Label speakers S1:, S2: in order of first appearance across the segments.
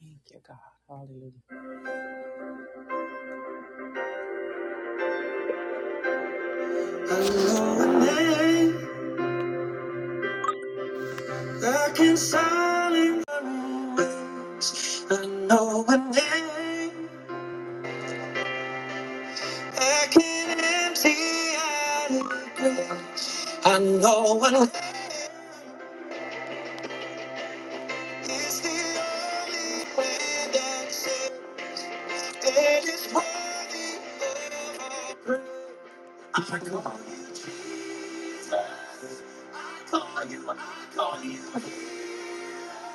S1: Thank you, God. Hallelujah. I know a name that can silence. I know a name that can empty out a grave. I know a name is the only way that's that saved. It is worthy of our-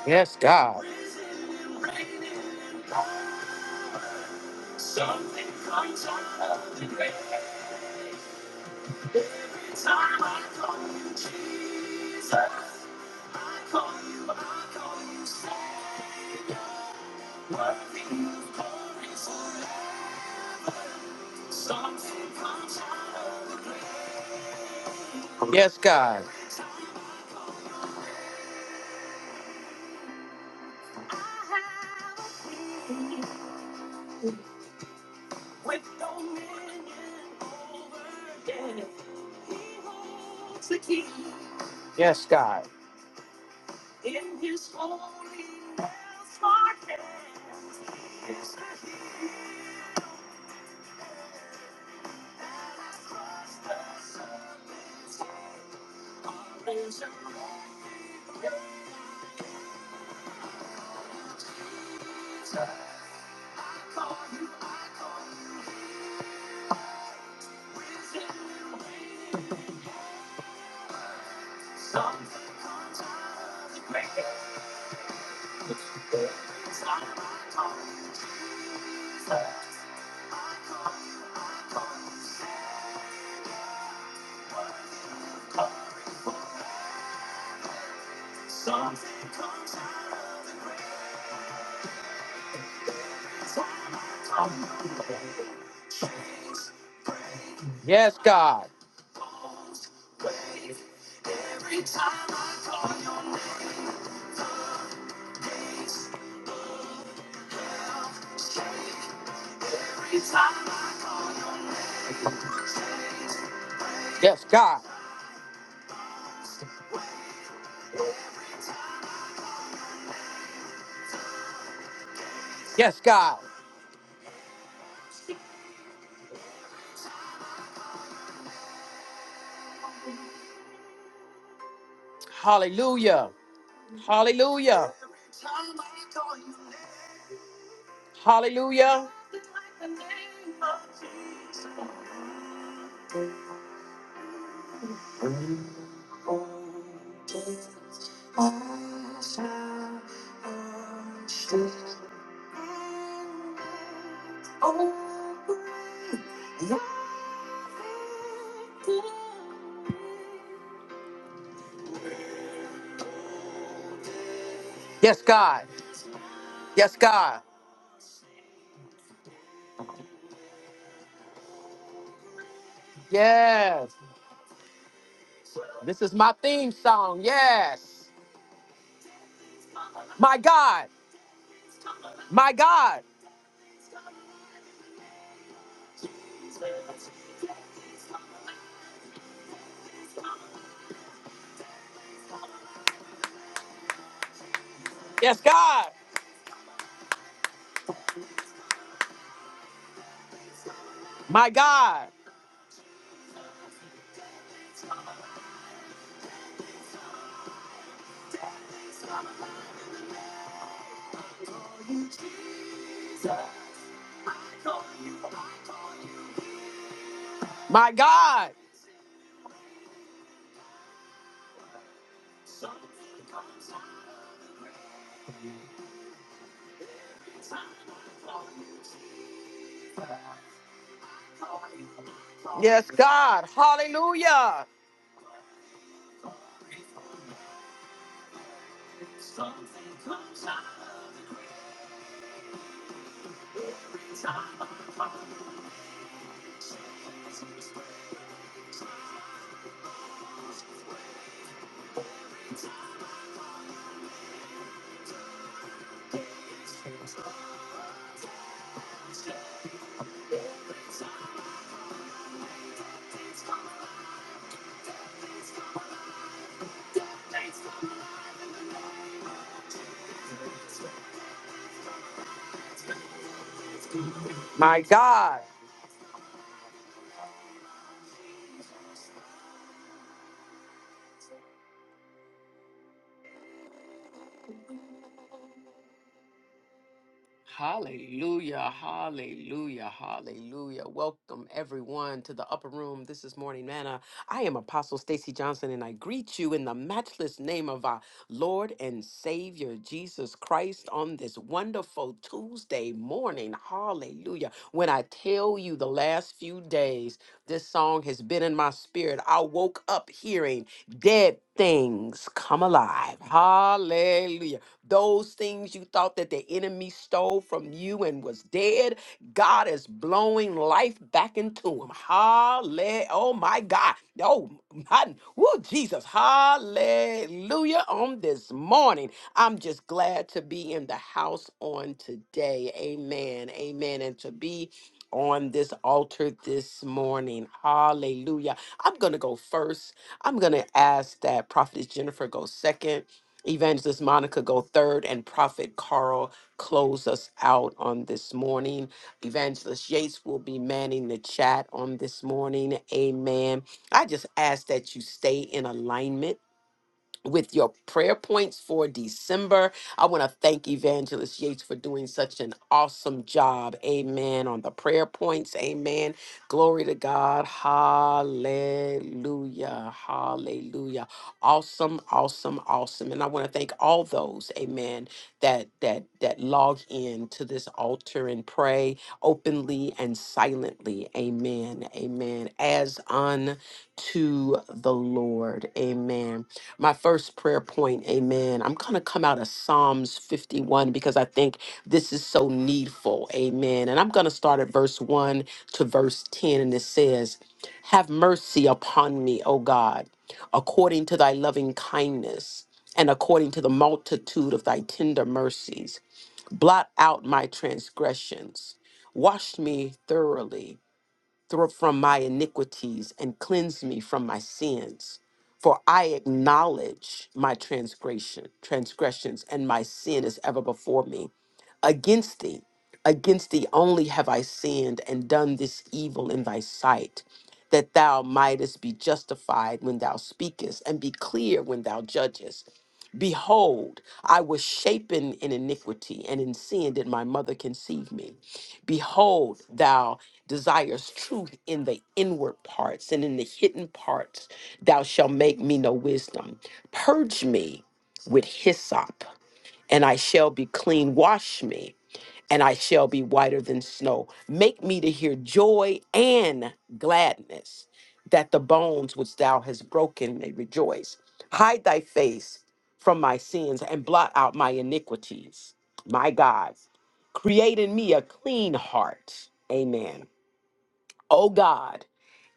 S1: Yes, God. Yes, God. Yes, God. Yes, God. Yes, God. Yes, God. Hallelujah. Hallelujah. Hallelujah. Yes, God. Yes, God. Yes. This is my theme song. Yes. My God. My God. Yes, God. My God. My God. God. Hallelujah. My God. Hallelujah, hallelujah, hallelujah. Welcome everyone to the upper room. This is Morning Manna. I am Apostle Stacy Johnson and I greet you in the matchless name of our Lord and Savior Jesus Christ on this wonderful Tuesday morning. Hallelujah. When I tell you the last few days, this song has been in my spirit. I woke up hearing dead things come alive. Hallelujah. Those things you thought that the enemy stole from you and was dead, God is blowing life back into them. Hallelujah. Oh my God. Oh my woo, Jesus. Hallelujah. On this morning. I'm just glad to be in the house on today. Amen. Amen. And to be on this altar this morning. Hallelujah. I'm going to go first. I'm going to ask that Prophetess Jennifer go second Evangelist Monica go third, and Prophet Carl close us out on this morning. Evangelist Yates will be manning the chat on this morning. Amen. I just ask that you stay in alignment with your prayer points for December. I want to thank Evangelist Yates for doing such an awesome job. Amen. On the prayer points. Amen. Glory to God. Hallelujah. Hallelujah. Awesome, awesome, awesome. And I want to thank all those, amen, that that that log in to this altar and pray openly and silently. Amen. Amen. As unto the Lord. Amen my first prayer point, amen. I'm going to come out of Psalms 51 because I think this is so needful, amen. And I'm going to start at verse 1 to verse 10, and it says, Have mercy upon me, O God, according to thy loving kindness and according to the multitude of thy tender mercies. Blot out my transgressions, wash me thoroughly thro- from my iniquities and cleanse me from my sins. For I acknowledge my transgression, transgressions, and my sin is ever before me. Against thee, against thee only have I sinned and done this evil in thy sight, that thou mightest be justified when thou speakest, and be clear when thou judgest. Behold, I was shapen in iniquity, and in sin did my mother conceive me. Behold, thou desirest truth in the inward parts, and in the hidden parts thou shalt make me know wisdom. Purge me with hyssop, and I shall be clean. Wash me, and I shall be whiter than snow. Make me to hear joy and gladness, that the bones which thou hast broken may rejoice. Hide thy face from my sins and blot out my iniquities. My God, create in me a clean heart. Amen. O God,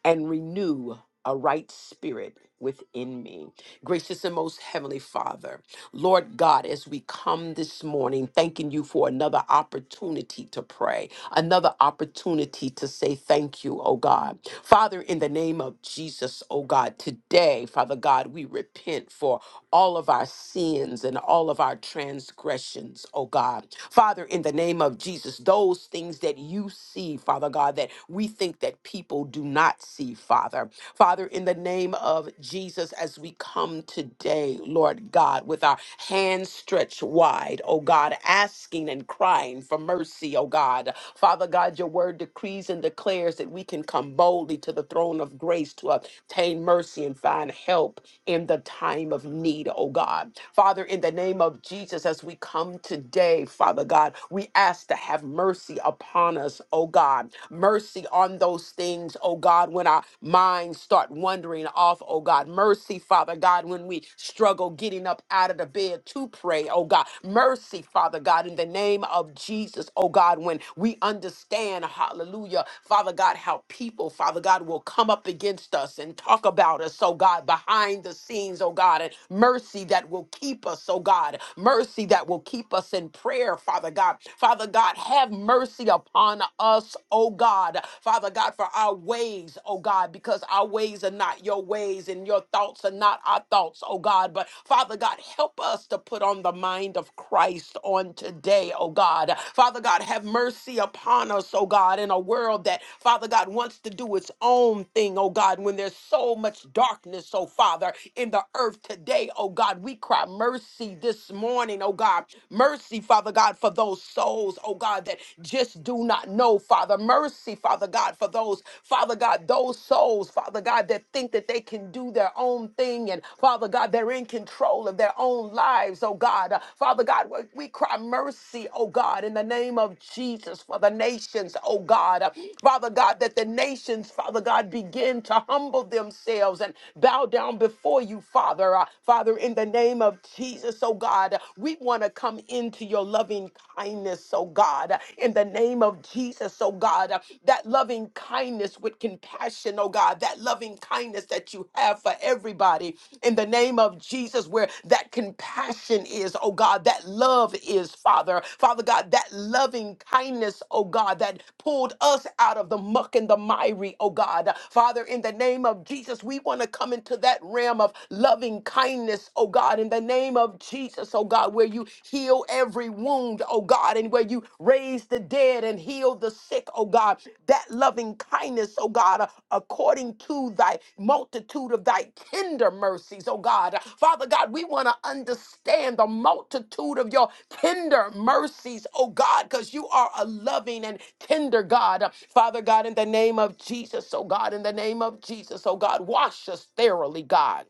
S1: and renew a right spirit within me. Gracious and most heavenly Father, Lord God, as we come this morning, thanking you for another opportunity to pray, another opportunity to say thank you, oh God. Father, in the name of Jesus, oh God, today, Father God, we repent for all of our sins and all of our transgressions, oh God. Father, in the name of Jesus, those things that you see, Father God, that we think that people do not see, Father. Father, in the name of Jesus, as we we come today, Lord God, with our hands stretched wide, oh God, asking and crying for mercy, oh God. Father God, your word decrees and declares that we can come boldly to the throne of grace to obtain mercy and find help in the time of need, oh God. Father, in the name of Jesus, as we come today, Father God, we ask to have mercy upon us, oh God. Mercy on those things, oh God, when our minds minds start wandering off, oh God. Mercy, Father God, when we struggle getting up out of the bed to pray, oh God. Mercy, Father God, in the name of Jesus, oh God, when we understand, hallelujah, Father God, how people, Father God, will come up against us and talk about us, oh God, behind the scenes, oh God, and mercy that will keep us, oh God, mercy that will keep us in prayer, Father God. Father God, have mercy upon us, oh God. Father God, for our ways, oh God, because our ways are not your ways and your thoughts are not our thoughts, oh God. But Father God, help us to put on the mind of Christ on today, oh God. Father God, have mercy upon us, oh God, in a world that, Father God, wants to do its own thing, oh God, when there's so much darkness, oh Father, in the earth today, oh God. We cry mercy this morning, oh God. Mercy, Father God, for those souls, oh God, that just do not know, Father. Mercy, Father God, for those, Father God, those souls, Father God, that think that they can do their own thing and, Father God, they're in control of their own lives, oh God. Uh, Father God, we we cry mercy, oh God, in the name of Jesus for the nations, oh God. Uh, Father God, that the nations, Father God, begin to humble themselves and bow down before you, Father. Uh, Father, in the name of Jesus, oh God, we want to come into your loving kindness, oh God, in the name of Jesus, oh God, that loving kindness with compassion, oh God, that loving kindness that you have for everybody, in the name of Jesus, where that compassion is, oh God, that love is, Father. Father God, that loving kindness, oh God, that pulled us out of the muck and the miry, oh God. Father, in the name of Jesus, we want to come into that realm of loving kindness, oh God, in the name name of Jesus, oh God, where you heal every wound, oh God, and where you raise the dead and heal the sick, oh God. That loving kindness, oh God, uh, according to thy multitude of thy tender mercies, oh God. Father God, we want to understand the multitude of your tender mercies, oh God, because you are a loving and tender God. Uh, Father God, in the name of Jesus, oh God, in the name of Jesus, oh God, wash us thoroughly, God.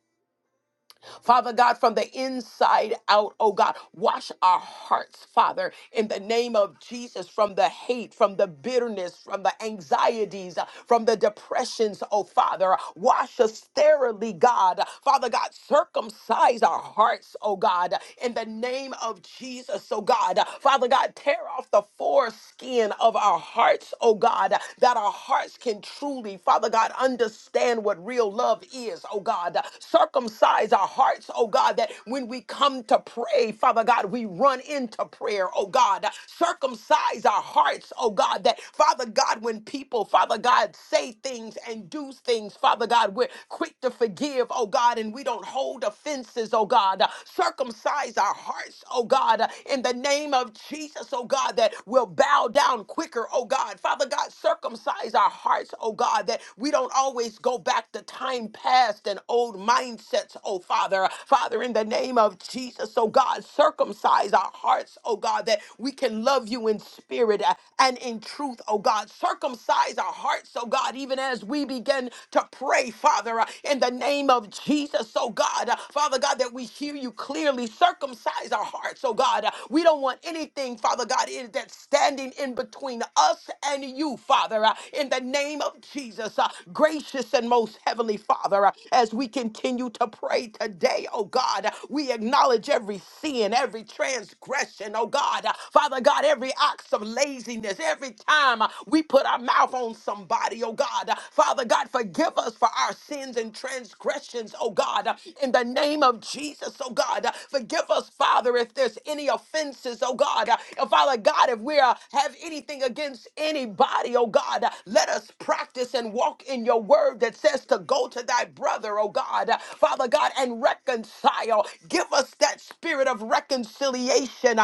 S1: Father God, from the inside out, oh God, wash our hearts, Father, in the name of Jesus, from the hate, from the bitterness, from the anxieties, uh, from the depressions, oh Father. Wash us thoroughly, God. Father God, circumcise our hearts, oh God, in the name of Jesus, oh God. Father God, tear off the foreskin of our hearts, oh God, that our hearts can truly truly, Father God, understand what real love is, oh God. Circumcise our hearts, oh God, that when we come to pray, Father God, we run into prayer, oh God. Circumcise our hearts, oh God, that Father God, when people, Father God, say things and do things, Father God, we're quick to forgive, oh God, and we don't hold offenses, oh God. Circumcise our hearts, oh God, in the name of Jesus, oh oh God, that will bow down quicker, oh God. Father God, circumcise our hearts, oh God, that we don't always go back to time past and old mindsets, oh Father. Father, in the name of Jesus, oh God, circumcise our hearts, oh God, that we can love you in spirit uh, and in truth, oh God. Circumcise our hearts, oh God, even as we begin to pray, Father, uh, in the name of Jesus, oh God. Uh, Father God, God, that we hear you clearly. Circumcise our hearts, oh God. Uh, We don't want anything, Father God, in- that's standing in between us and you, Father, uh, in the name of Jesus. Uh, Gracious and most heavenly Father, uh, as we continue to pray today, oh God, uh, we acknowledge every sin, every transgression, oh God. Uh, Father God, every act of laziness, every time uh, we put our mouth on somebody, oh God. Uh, Father God, forgive us for our sins and transgressions, oh God, uh, in the name of Jesus, oh God. uh, Forgive us, Father, if there's any offenses, oh God. And Father God, if we uh, have anything against anybody, oh God, uh, let us practice and walk in your word that says to go to thy brother, oh God, uh, Father God, and reconcile. Give us that spirit of reconciliation.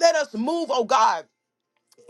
S1: Let us move, oh God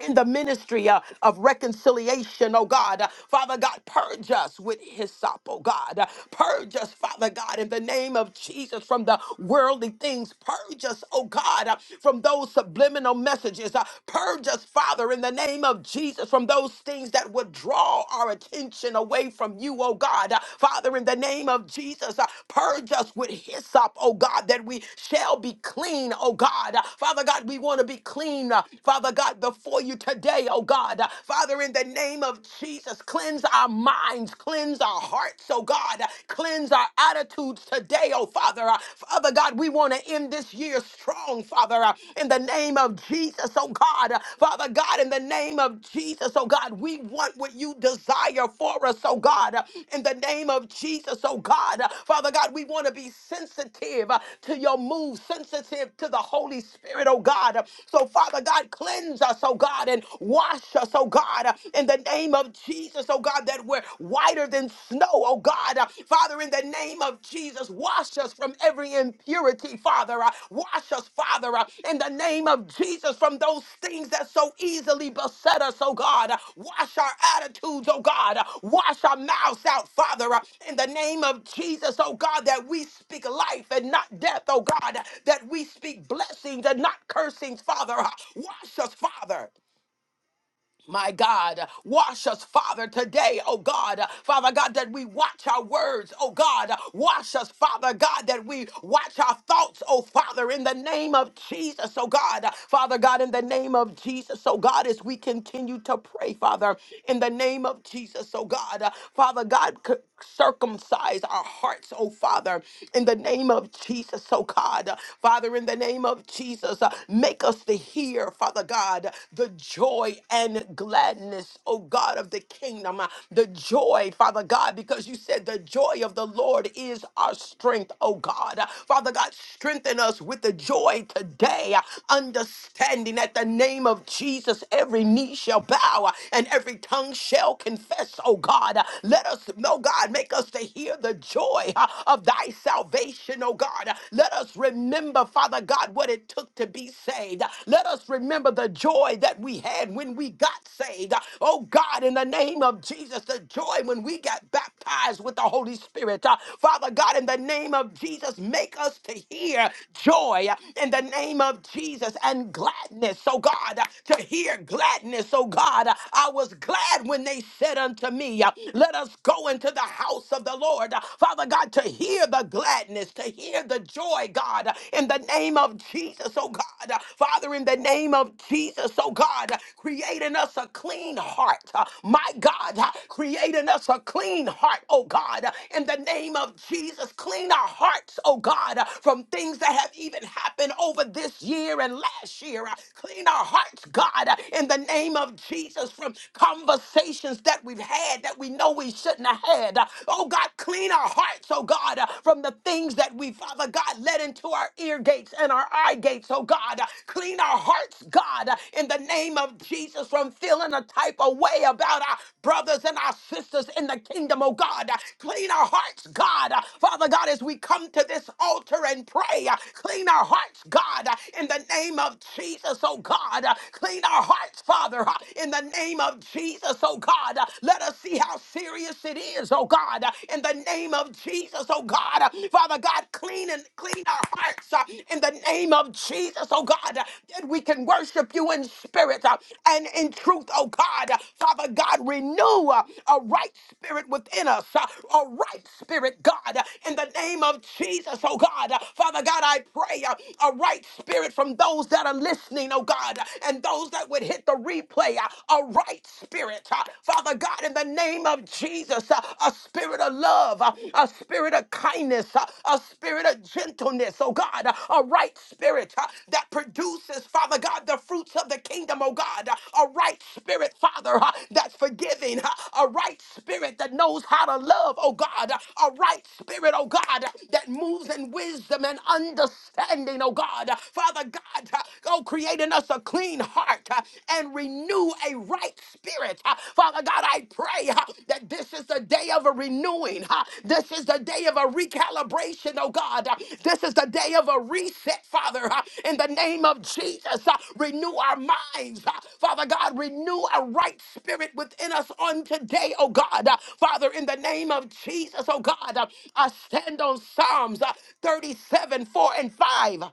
S1: in the ministry uh, of reconciliation, oh God. Uh, Father God, purge us with hyssop, oh God. Uh, purge us, Father God, in the name of Jesus from the worldly things. Purge us, oh God, uh, from those subliminal messages. Uh, purge us, Father, in the name of Jesus from those things that would draw our attention away from you, oh God. Uh, Father, in the name of Jesus, uh, purge us with hyssop, oh God, that we shall be clean, oh God. Uh, Father God, we want to be clean, uh, Father God, before you before you today, oh God. Uh, Father, in the name of Jesus, cleanse our minds, cleanse our hearts, oh God. Uh, Cleanse our attitudes today, oh Father. Uh, Father God, we want to end this year strong, Father, uh, in the name of Jesus, oh God. Uh, Father God, in the name of Jesus, oh God, we want what you desire for us, oh God. Uh, In the name of Jesus, oh God. Uh, Father God, we want to be sensitive uh, to your move, sensitive to the Holy Spirit, oh God. Uh, So, Father God, cleanse us, oh God. God, and wash us, oh God, uh, in the name of Jesus, oh God, that we're whiter than snow, oh God. Uh, Father, in the name of Jesus, wash us from every impurity, Father. Uh, Wash us, Father, uh, in the name of Jesus, from those things that so easily beset us, oh God. Uh, Wash our attitudes, oh God. Uh, Wash our mouths out, Father, uh, in the name of Jesus, oh God, that we speak life and not death, oh God. Uh, That we speak blessings and not cursings, Father. Uh, Wash us, Father my God, wash us, Father, today, oh God, Father God, that we watch our words, oh God, wash us, Father God, that we watch our thoughts, oh Father, in the name of Jesus, oh God, Father God, in the name of Jesus, oh God, as we continue to pray, Father, in the name of Jesus, oh God, Father God circumcise our hearts, oh Father, in the name of Jesus, oh God. Father, in the name of Jesus, uh, make us to hear, Father God, the joy and gladness, oh God, of the kingdom. Uh, The joy, Father God, because you said the joy of the Lord is our strength, oh God. Uh, Father God, strengthen us with the joy today, uh, understanding that the name of Jesus, every knee shall bow uh, and every tongue shall confess, oh God. God. Let us, no God, make us to hear the joy uh, of thy salvation, oh God. Let us remember, Father God, what it took to be saved. Let us remember the joy that we had when we got saved. Oh God, in the name of Jesus, the joy when we got baptized with the Holy Spirit. Uh, Father God, in the name of Jesus, make us to hear joy uh, in the name of Jesus and gladness, oh God, uh, to hear gladness, oh God. I was glad when they and they said unto me, uh, Let us go into the house of the Lord. Uh, Father God, to hear the gladness, to hear the joy, God, uh, in the name of Jesus, oh God. Uh, Father, in the name of Jesus, oh God, uh, create in us a clean heart. Uh, My God, uh, create in us a clean heart, oh God. Uh, In the name of Jesus, clean our hearts, oh God, uh, from things that have even happened over this year and last year. Uh, Clean our hearts, God, uh, in the name of Jesus us from conversations that we've had that we know we shouldn't have had. Uh, Oh God, clean our hearts, oh God, uh, from the things that we, Father God, let into our ear gates and our eye gates, oh God. Uh, Clean our hearts, God, uh, in the name of Jesus, from feeling a type of way about our brothers and our sisters in the kingdom, oh God. Uh, Clean our hearts, God. Uh, Father God, as we come to this altar and pray, uh, clean our hearts, God, uh, in the name of Jesus, oh God. Uh, Clean our hearts hearts, Father, uh, in the name of Jesus, oh God. Uh, Let us see how serious it is, oh God, uh, in the name of Jesus, oh God. Uh, Father God, clean and clean our hearts uh, in the name of Jesus, oh God, uh, that we can worship you in spirit uh, and in truth, oh God. Uh, Father God, renew uh, a right spirit within us, uh, a right spirit, God, uh, in the name of Jesus, oh God. Uh, Father God, I pray uh, a right spirit from those that are listening, oh God. God, and those that would hit the replay, uh, a right spirit. uh, Father God, in the name of Jesus, uh, a spirit of love, uh, a spirit of kindness, uh, a spirit of gentleness, oh God, uh, a right spirit uh, that produces, Father God, the fruits of the kingdom, oh God, uh, a right spirit, Father, uh, that's forgiving, uh, a right spirit that knows how to love, oh God, uh, a right spirit, oh God, that moves in wisdom and understanding, oh God. uh, Father God, God. Go create in us a clean heart uh, and renew a right spirit. Uh, Father God, I pray uh, that this is the day of a renewing. uh, This is the day of a recalibration, oh God. Uh, This is the day of a reset, Father. uh, In the name of Jesus, Uh, renew our minds. uh, Father God, renew a right spirit within us on today, oh God. Uh, Father, in the name of Jesus, oh God, uh, I stand on Psalms uh, 37, 4 and 5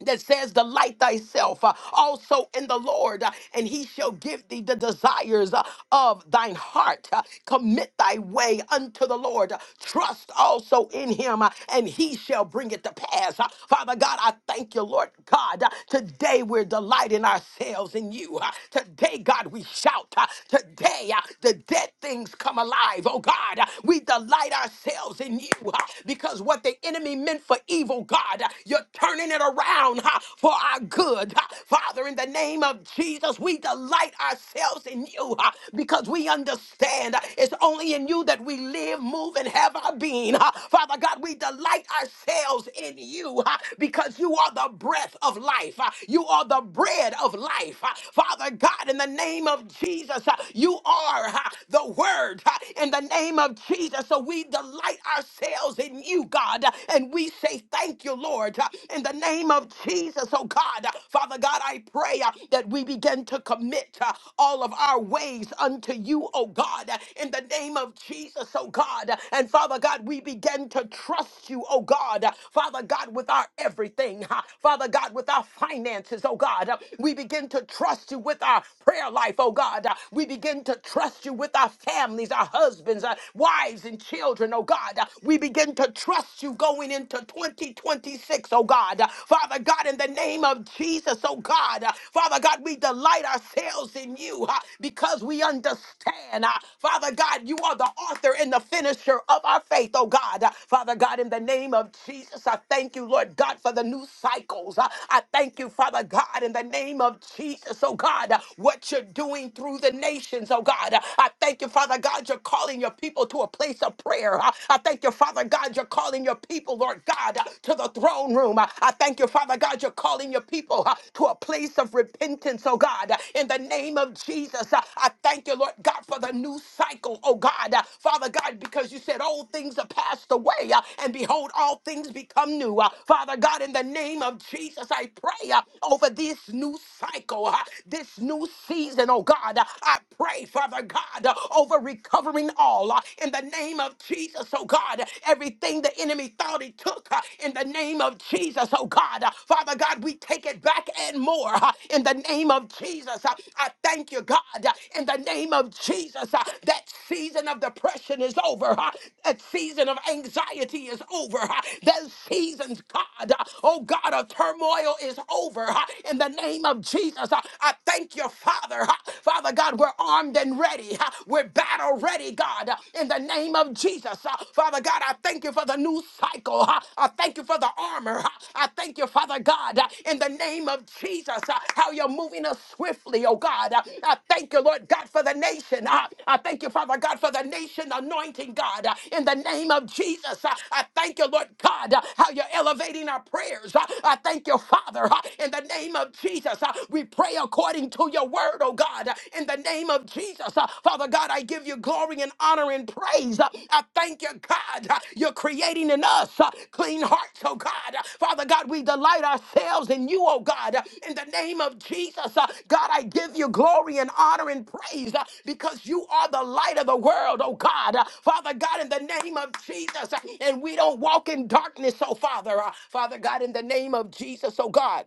S1: that says, Delight thyself uh, also in the Lord, uh, and he shall give thee the desires uh, of thine heart. Uh, Commit thy way unto the Lord. Uh, Trust also in him, uh, and he shall bring it to pass. Uh, Father God, I thank you, Lord God. Uh, Today we're delighting ourselves in you. Uh, Today, God, we shout. Uh, Today, uh, the dead things come alive. Oh God, uh, we delight ourselves in you uh, because what the enemy meant for evil, God. God. You're turning it around ha, for our good. ha. Father, in the name of Jesus, we delight ourselves in you ha, because we understand uh, it's only in you that we live, move, and have our being. ha. Father God, we delight ourselves in you ha, because you are the breath of life. ha. You are the bread of life. ha. Father God, in the name of Jesus, ha, you are ha, the word ha, in the name of Jesus. So we delight ourselves in you. God. And we say thank you, Lord, in the name of Jesus, oh God. Father God, I pray uh, that we begin to commit uh, all of our ways unto you, oh God, in the name of Jesus, oh God. And Father God, we begin to trust you, oh God. Father God, with our everything. huh? Father God, with our finances, oh God. We begin to trust you with our prayer life, oh God. We begin to trust you with our families, our husbands, our wives, and children children, oh God. We begin to trust you going into 2026, oh God. Father God, in the name of Jesus, oh God. Father God, we delight ourselves in you uh, because we understand, uh, Father God, you are the author and the finisher of our faith, oh God. Uh, Father God, in the name of Jesus, I thank you, Lord God, for the new cycles. Uh, I thank you, Father God, in the name of Jesus, oh God, uh, what you're doing through the nations, oh God. Uh, I thank you, Father God, you're calling your people to a place of prayer. I I thank you, Father God, you're calling your people, Lord God, uh, to the throne room. I I thank you, Father God, you're calling your people uh, to a place of repentance, oh God, uh, in the name of Jesus. uh, I thank you, Lord God, for the new cycle, oh God, Uh, Father God, because you said old things are passed away, uh, and behold, all things become new. Uh, Father God, in the name of Jesus, I pray uh, over this new cycle, uh, this new season, oh God. Uh, I pray, Father. Father God, uh, over recovering all uh, in the name of Jesus, oh God. Everything the enemy thought he took uh, in the name of Jesus, oh God. Uh, Father God, we take it back and more uh, in the name of Jesus. Uh, I thank you, God, uh, in the name of Jesus. uh, That season of depression is over. uh, That season of anxiety is over. uh, That seasons, God, uh, oh God, of turmoil is over uh, in the name of Jesus. Uh, I thank you, Father. Father God, we're armed and ready. We're battle ready, God, in the name of Jesus. Father God, I thank you for the new cycle. I thank you for the armor. I thank you, Father God, in the name of Jesus, how you're moving us swiftly, oh God. I thank you, Lord God, for the nation. I thank you, Father God, for the nation anointing, God, in the name of Jesus. I thank you, Lord God, how you're elevating our prayers. I thank you, Father, in the name of Jesus. We. We pray according to your word, oh God, in the name of Jesus. Uh, Father God, I give you glory and honor and praise. Uh, I thank you, God. uh, You're creating in us uh, clean hearts, oh God. Uh, Father God, we delight ourselves in you, oh God, Uh, in the name of Jesus. uh, God, I give you glory and honor and praise uh, because you are the light of the world, oh God. Uh, Father God, in the name of Jesus, uh, and we don't walk in darkness, oh Father. Uh, Father God, in the name of Jesus, oh God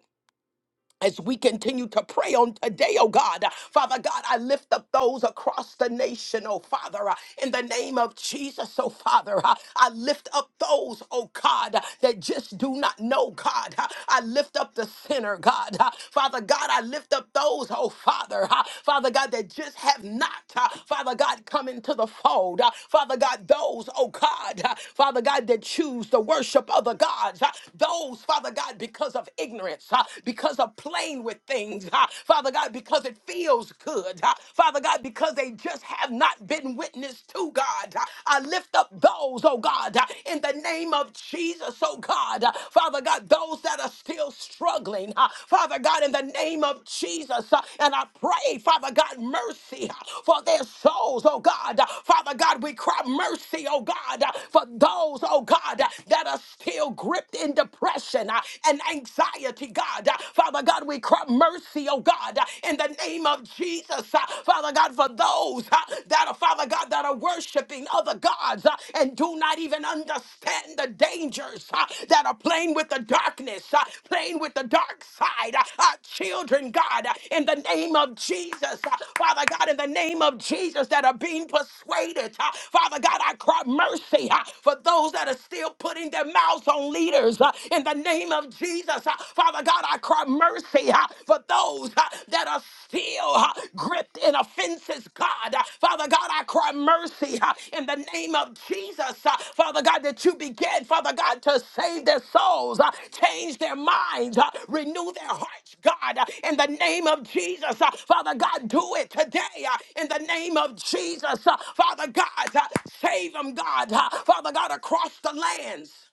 S1: as we continue to pray on today, oh God. Father God, I lift up those across the nation, oh Father, uh, in the name of Jesus, oh Father. uh, I lift up those, oh God, that just do not know God. Uh, I lift up the sinner, God. Uh, Father God, I lift up those, oh Father, uh, Father God, that just have not, uh, Father God, come into the fold. Uh, Father God, those, oh God, uh, Father God, that choose the worship of the gods. Uh, Those, Father God, because of ignorance ignorance, uh, because of playing with things, uh, Father God, because it feels good, uh, Father God, because they just have not been witnessed to, God. Uh, I lift up those, oh God, uh, in the name of Jesus, oh God, Uh, Father God, those that are still struggling, uh, Father God, in the name of Jesus, uh, and I pray, Father God, mercy uh, for their souls, oh God. Uh, Father God, we cry mercy, oh God, uh, for those, oh God, uh, that are still gripped in depression, uh, and anxiety, God. Uh, Father God, we cry mercy, oh God, uh, in the name of Jesus. Uh, Father God, for those uh, that are, Father God, that are worshiping other gods uh, and do not even understand the dangers uh, that are playing with the darkness, uh, playing with the dark side. Uh, Our children, God, uh, in the name of Jesus. Uh, Father God, in the name of Jesus, that are being persuaded. Uh, Father God, I cry mercy uh, for those that are still putting their mouths on leaders others uh, in the name of Jesus. Uh, Father God, I cry mercy uh, for those uh, that are still uh, gripped in offenses, God. Uh, Father God, I cry mercy uh, in the name of Jesus. Uh, Father God, that you begin, Father God, to save their souls, uh, change their minds, uh, renew their hearts, God, uh, in the name of Jesus. Uh, Father God, do it today uh, in the name of Jesus. Uh, Father God, uh, save them, God. Uh, Father God, across the lands.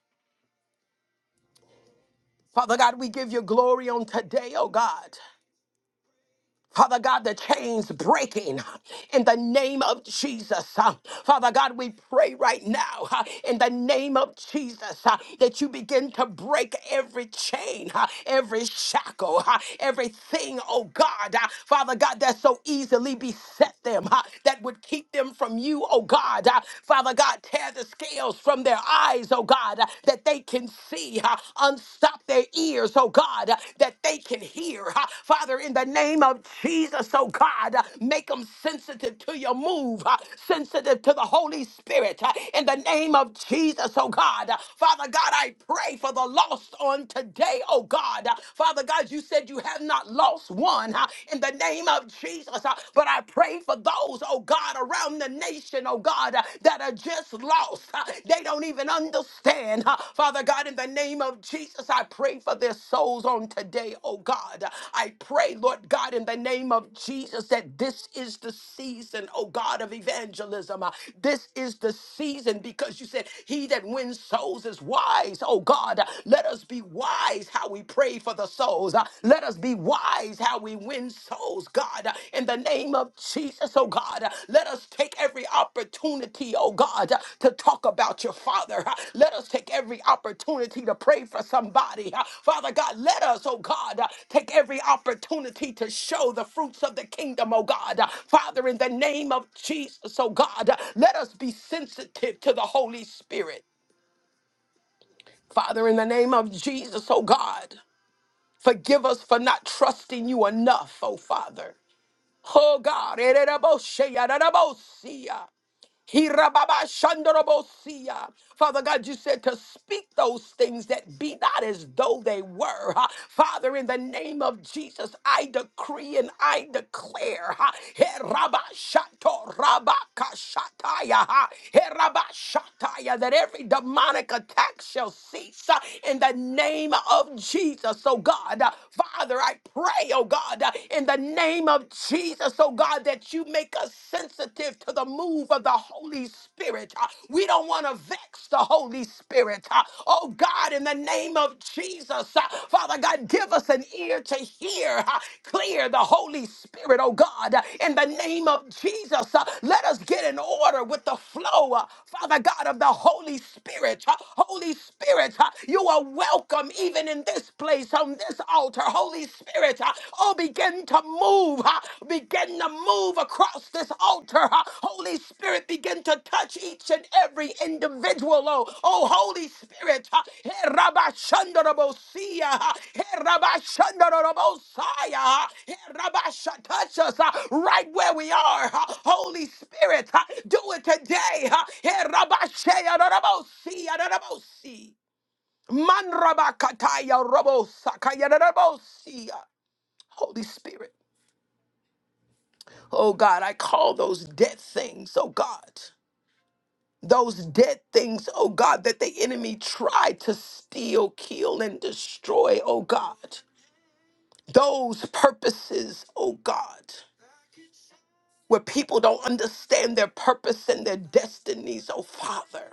S1: Father God, we give you glory on today, oh God. Father God, the chains breaking in the name of Jesus. Uh, Father God, we pray right now uh, in the name of Jesus uh, that you begin to break every chain, uh, every shackle, uh, everything, oh God. uh, Father God, that so easily beset them, uh, that would keep them from you, oh God. Uh, Father God, tear the scales from their eyes, oh God, uh, that they can see see. uh, Unstop their ears, oh God, uh, that they can hear. uh, Father, in the name of Jesus, oh God, uh, make them sensitive to your move, uh, sensitive to the Holy Spirit. uh, In the name of Jesus, oh God. Uh, Father God, I pray for the lost on today, oh God. Uh, Father God, you said you have not lost one uh, in the name of Jesus, uh, but I pray for those, oh God, around the from the nation, oh God, uh, that are just lost. Uh, They don't even understand. Uh, Father God, in the name of Jesus, I pray for their souls on today, oh God. Uh, I pray, Lord God, in the name of Jesus, that this is the season, oh God, of evangelism. Uh, This is the season because you said, He that wins souls is wise, oh God. Uh, Let us be wise how we pray for the souls. Uh, Let us be wise how we win souls, God. Uh, In the name of Jesus, oh God, uh, let us take every opportunity, oh God, uh, to talk about your Father. Uh, Let us take every opportunity to pray for somebody. Uh, Father God, let us, oh God, uh, take every opportunity to show the fruits of the kingdom, oh God. Uh, Father, in the name of Jesus, oh God, uh, let us be sensitive to the Holy Spirit. Father, in the name of Jesus, oh God. Forgive us for not trusting you enough, oh Father. Oh God, ereraboshe, yararabosia. Hirababashandorobosia. Father God, you said to speak those things that be not as though they were. huh? Father, in the name of Jesus, I decree and I declare. huh? Herabashatorabakashataya, huh? Herabashataya, That every demonic attack shall cease huh, in the name of Jesus. So, God, uh, Father, I pray, oh God, uh, in the name of Jesus. Jesus, oh God, that you make us sensitive to the move of the Holy Spirit. Uh, We don't want to vex the Holy Spirit. Uh, Oh God, in the name of Jesus, uh, Father God, give us an ear to hear. uh, Clear the Holy Spirit, oh God, Uh, in the name of Jesus. uh, Let us get in order with the flow, uh, Father God, of the Holy Spirit. Uh, Holy Spirit, uh, you are welcome even in this place, on this altar altar. Holy Spirit, uh, oh, begin to move, uh, begin to move across this altar. uh, Holy Spirit, begin to touch each and every individual. Oh, oh Holy Spirit, uh, eh, Rabba Shandarabosia, uh, eh, Rabba Shandarabosaya, uh, eh, Rabba Sha- touch us uh, right where we are. uh, Holy Spirit, uh, do it today. uh, eh, Rabba Shea Darabosia Darabosi. Man rabakataya robo sakaya da Holy Spirit. Oh God, I call those dead things, oh God. Those dead things, oh God, that the enemy tried to steal, kill, and destroy, oh God. Those purposes, oh God, where people don't understand their purpose and their destinies, oh Father.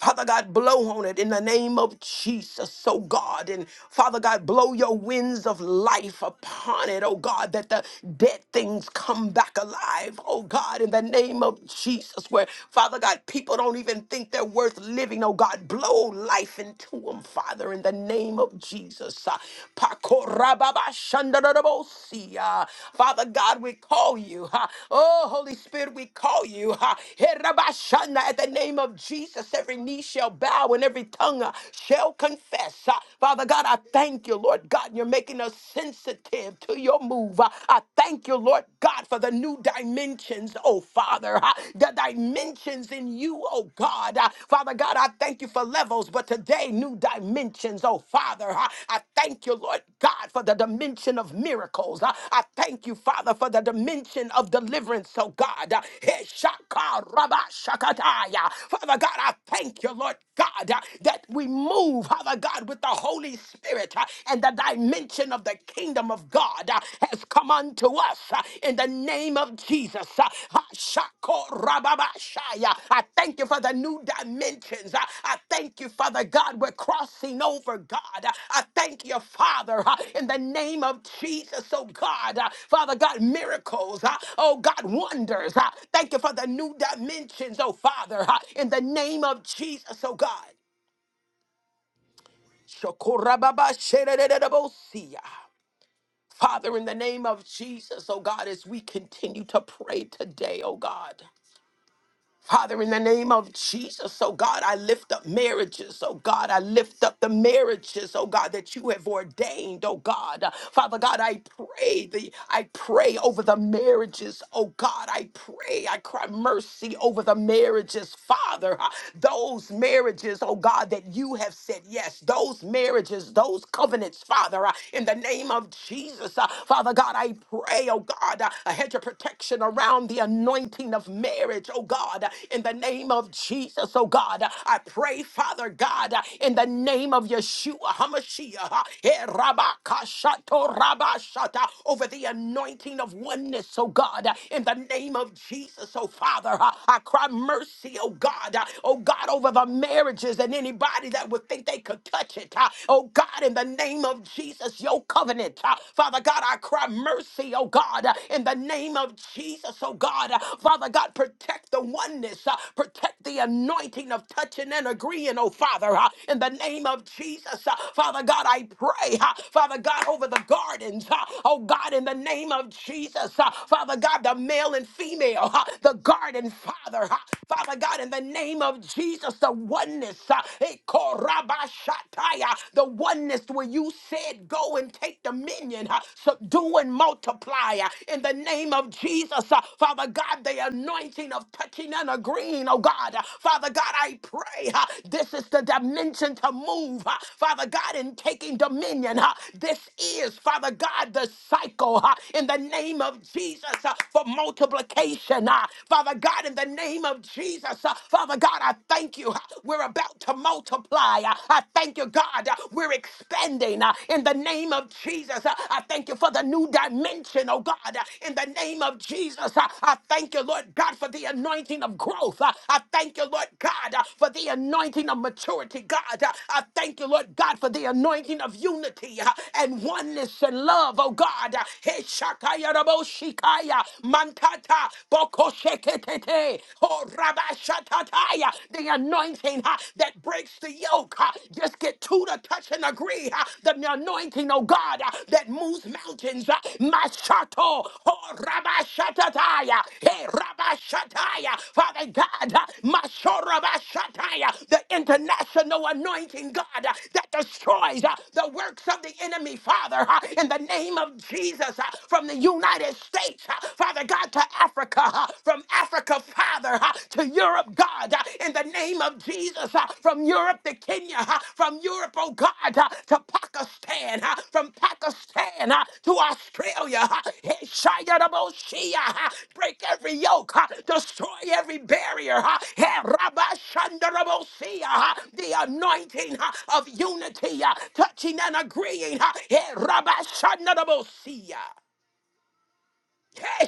S1: Father God, blow on it in the name of Jesus, so God. And Father God, blow your winds of life upon it, oh God, that the dead things come back alive, oh God, in the name of Jesus, where Father God, people don't even think they're worth living, oh God. Blow life into them, Father, in the name of Jesus. Uh, Pakorababashandarabosia ha. Father God, we call you. ha. Oh, Holy Spirit, we call you. ha. Hey, Rabba Shanda, At the name of Jesus, every knee shall bow and every tongue uh, shall confess. ha. Father God, I thank you, Lord God, you're making us sensitive to your move. ha. I thank you, Lord God, for the new dimensions, oh Father, ha. the dimensions in you, oh God. ha. Father God, I thank thank you for levels, but today, new dimensions. Oh, Father, I, I thank you, Lord God, for the dimension of miracles. I, I thank you, Father, for the dimension of deliverance. Oh, God. Uh, eh, shaka raba shakataya. Father God, I thank you, Lord God, uh, that we move, Father God, with the Holy Spirit uh, and the dimension of the kingdom of God uh, has come unto us us uh, in the name of Jesus. Uh, ha, shako rababashaya. I thank you for the new dimensions. Uh, I thank you, Father God. We're crossing over, God. Uh, I thank you, Father, uh, in the name of Jesus. Oh God, uh, Father God, miracles. uh, Oh God, wonders. uh, Thank you for the new dimensions, oh Father, uh, in the name of Jesus. Oh God. Shako rababashere De De, sherererebosia. Father, in the name of Jesus, oh God, as we continue to pray today, oh God. Father, in the name of Jesus, oh God, I lift up marriages. Oh God, I lift up the marriages, oh God, that you have ordained, oh God. Uh, Father God, I pray the I pray over the marriages, oh God. I pray, I cry mercy over the marriages, Father. Uh, Those marriages, oh God, that you have said yes, those marriages, those covenants, Father, uh, in the name of Jesus, uh, Father God, I pray, oh God, uh, a hedge of protection protection around the anointing of marriage, oh God, in the name of Jesus, oh God. I pray, Father God, in the name of Yeshua HaMashiach, eh, Rabakashato Rabashata, over the anointing of oneness, oh God, in the name of Jesus, oh Father. I cry mercy, oh God, oh God, over the marriages and anybody that would think they could touch it, oh God, in the name of Jesus, your covenant, Father God. I. I cry mercy, oh God, in the name of Jesus, oh God. Father God, protect the oneness, uh, protect the anointing of touching and agreeing, oh Father, uh, in the name of Jesus. uh, Father God, I pray, uh, Father God, over the gardens, uh, oh God, in the name of Jesus. uh, Father God, the male and female, uh, the garden, Father, uh, Father God, in the name of Jesus, the oneness, uh, eh, korabashataya, the oneness where you said, Go and take dominion, uh, subdue and multiply uh, in the name of Jesus. uh, Father God, the anointing of touching and agreeing, oh God. uh, Father God, I pray uh, this is the dimension to move, uh, Father God, in taking dominion. uh, This is, Father God, the cycle uh, in the name of Jesus uh, for multiplication. uh, Father God, in the name of Jesus, uh, Father God, I thank you. uh, We're about to multiply multiply. Uh, I thank you, God. uh, We're expanding uh, in the name of Jesus. Uh, I thank you for the new dimension, oh God, uh, in the name of Jesus. Uh, I thank you, Lord God, for the anointing of growth. Uh, I thank you, Lord God, uh, for the anointing of maturity, God. Uh, I thank you, Lord God, for the anointing of unity uh, and oneness and love, oh God. Uh, Hey, Shakaya Rabo Shikaya, Mantata, Boko Sheketete, Oh Rabba Shataya, the anointing ha, that breaks the yoke. ha. Just get two to touch and agree. ha. The anointing, oh God, ha, that moves mountains. ha. Mashato, oh Rabba Shatataya, hey Rabba Shataya, Father God, ha, Masho Rabba Shataya, the international anointing, God, ha, that destroys ha, the works of the enemy, Father, ha, in the name of Jesus, ha, from the United States, ha, Father God, to Africa. Africa, uh, from Africa, Father, uh, to Europe, God, uh, in the name of Jesus, uh, from Europe to Kenya, uh, from Europe, oh God, uh, to Pakistan, uh, from Pakistan uh, to Australia, uh, hey, Shia uh, break every yoke, uh, destroy every barrier, uh, hey, Rabba uh, the anointing uh, of unity, uh, touching and agreeing, uh, hey, Rabba Shanda Hey,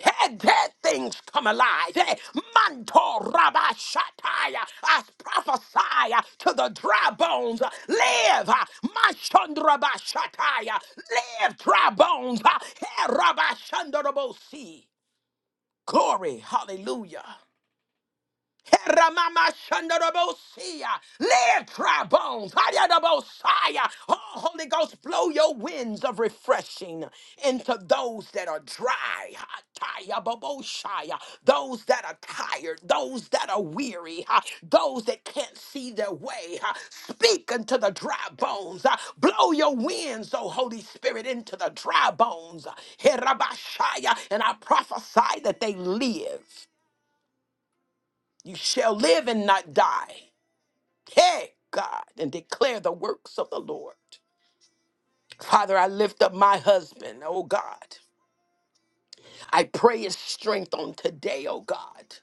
S1: Hey, dead things come alive. Hey, manto rabba shataya. I prophesy uh, to the dry bones. uh, Live. uh, Mashandraba shataya. Live, dry bones. uh, Hey, rabba shandarabo see. Glory. Hallelujah. Heramamashanabosia. Live, dry bones. Hayadabosaya. Oh, Holy Ghost, blow your winds of refreshing into those that are dry. Hatayababoshaya. Those that are tired, those that are weary, ha, those that can't see their way. ha. Speak unto the dry bones. ha. Blow your winds, O Holy Spirit, into the dry bones. Herabashaya. And I prophesy that they live. You shall live and not die. Hey, God, and declare the works of the Lord. Father, I lift up my husband, oh God. I pray his strength on today, oh God.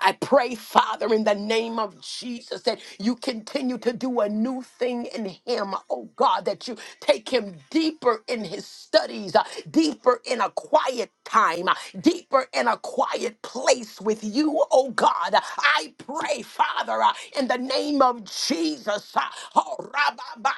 S1: I pray, Father, in the name of Jesus, that you continue to do a new thing in him, oh God, that you take him deeper in his studies, uh, deeper in a quiet time, uh, deeper in a quiet place with you, oh God. I pray, Father, uh, in the name of Jesus, uh, oh, Rabba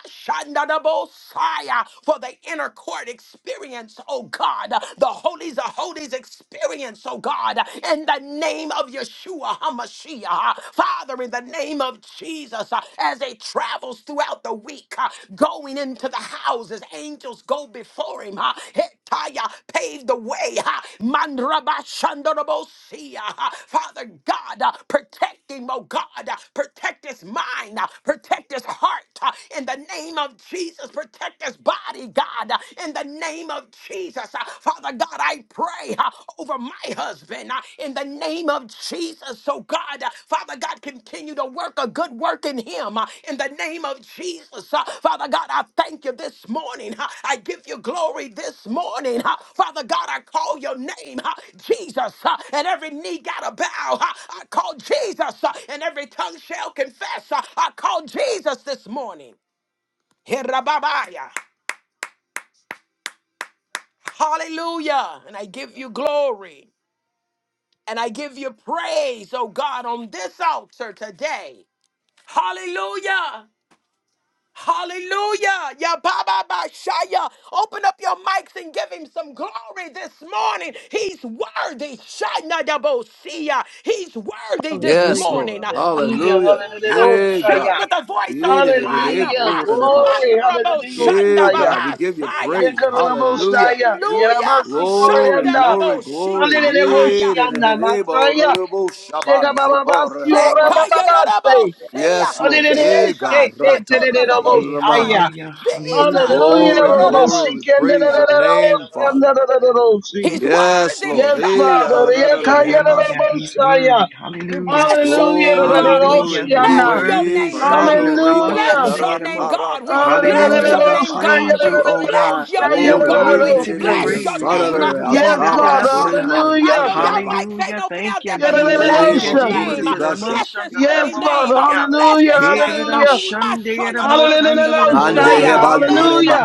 S1: for the inner court experience, oh God, uh, the holies of holies somebody's experience, oh God, in the name of Yeshua HaMashiach. Father, in the name of Jesus, uh, as it travels throughout the week, uh, going into the houses, angels go before him. uh, Hetaya, Pave the way. uh, Mandrabashandarabosia, uh, Father God, uh, protect him, oh God. uh, Protect his mind. uh, Protect his heart. uh, in the name of Jesus. Protect his body, God, in the name of Jesus. Uh, Father God, I pray uh, over my husband uh, in the name of Jesus. So, God, uh, Father God, continue to work a good work in him uh, in the name of Jesus. Jesus. Uh, Father God, I thank you this morning. Uh, I give you glory this morning. Uh, Father God, I call your name, uh, Jesus, uh, and every knee got to bow. Uh, I call Jesus, uh, and every tongue shall confess. Uh, I call Jesus this morning. Herababaya. Hallelujah. And I give you glory and I give you praise, oh God, on this altar today. Hallelujah. Hallelujah. Ya ba ba Open up your mics and give him some glory this morning. He's worthy. Shana da He's worthy this
S2: Yes,
S3: Hallelujah.
S1: morning.
S2: Lord.
S3: Hallelujah.
S2: Hallelujah.
S3: Hallelujah.
S1: Hallelujah.
S3: Oh,
S2: Yeah, God.
S1: Shout
S3: Shia.
S1: with a voice of
S2: Yeah, da- da- da- da-
S1: triumph.
S3: Hallelujah.
S1: Ah,
S2: oh, da- da- ba-
S3: Glory.
S2: sha.
S1: Mandra bo
S3: Hallelujah. Oh,
S2: Yeah,
S1: shanda ba
S3: Shia.
S2: God. We give you praise.
S3: Yekarabo
S2: Hallelujah.
S3: Shia.
S1: Hallelujah.
S3: Yeramasi
S2: Glory,
S1: Shanda ba
S3: Koreanda.
S1: bo
S2: glory, glory.
S3: Hallelujah. Oh,
S1: shikataya.
S2: Yeah, da- da- da-
S3: Shianda.
S2: da- ba- ru-
S3: Makaya.
S2: ru- bo- sha-
S3: Shega
S2: ban- so-
S3: Baba
S2: ba- ru-
S3: Basi
S2: ha- da-
S3: Ora
S2: ban-
S3: Baba
S2: sia.
S3: Basi.
S1: Shekayarabosea.
S2: Yes, Lord. Yeah,
S3: Hallelujah.
S1: Jesus,
S3: Shake
S2: God. Ra-
S3: it.
S2: ta- ru- ru-
S4: Hey,
S2: ru- ma- ha.
S3: Hallelujah.
S1: Shakorababosaya.
S3: Shia.
S4: hallelujah,
S1: Jesus,
S4: hallelujah,
S3: Hallelujah.
S2: Glory,
S3: Hallelujah.
S4: hallelujah,
S2: glory. We
S3: Shikende.
S2: praise
S1: Soyorororobosia.
S2: your
S3: Hallelujah.
S2: name,
S3: Shianda.
S2: Father.
S3: Hallelujah.
S1: He's
S2: Yes,
S1: worthy.
S2: Lord.
S3: Yes,
S2: Hey,
S3: Father.
S1: Shayarabosia.
S3: Yekaya.
S4: hallelujah. He's
S3: Hallelujah. Shia.
S4: worthy,
S1: We
S4: hallelujah.
S1: bless your
S3: Hallelujah.
S1: name,
S2: Glory,
S1: God. We
S2: glory,
S4: Hallelujah. He's
S1: bless
S2: glory.
S3: Da-da-da-da-da-oceana.
S1: your
S4: worthy,
S1: name, God.
S4: worthy.
S2: Shano
S1: We
S3: Hallelujah.
S1: bless your
S2: remandara
S1: name,
S4: Ramashandayaramo.
S1: God. We
S2: karatabu
S1: bless
S4: Hallelujah.
S1: your
S3: Hallelujah.
S4: We
S2: kreda
S1: name,
S2: basha.
S1: God.
S4: praise
S1: We
S4: you, O
S1: bless
S4: God.
S1: your
S4: You're
S1: name,
S2: Glory.
S1: God.
S4: worthy
S1: We
S4: to be
S2: Ididididi,
S3: Hallelujah.
S1: bless your
S4: praised. You're
S1: name. Uh,
S4: worthy
S2: Sadadada
S4: to be
S1: eh,
S3: Yes,
S4: lifted
S2: asaba
S3: Father.
S4: up, O God.
S2: nduriman
S1: I know
S3: Hallelujah.
S1: y'all
S2: tandadaba.
S1: mics ain't
S4: Hallelujah.
S1: open
S4: Thank
S1: out
S4: you,
S1: there, but
S4: Jesus.
S2: Idididi
S4: Thank
S1: bless
S4: you,
S1: his
S3: Hallelujah.
S4: Jesus.
S1: name.
S2: bakurdi
S1: Uh,
S2: basha.
S1: Bless his holy
S3: Yes,
S1: name.
S3: Father.
S1: Uh,
S4: Ramashandayaramokandiya.
S1: Bless
S3: Hallelujah.
S1: his name. Uh,
S3: Hallelujah. Hallelujah. Hallelujah.
S1: Mashoyorobosia.
S2: Mande
S1: Bless his
S4: Hirarashandayaramokandaraboshandiya.
S1: name.
S2: hebandureba.
S1: Uh,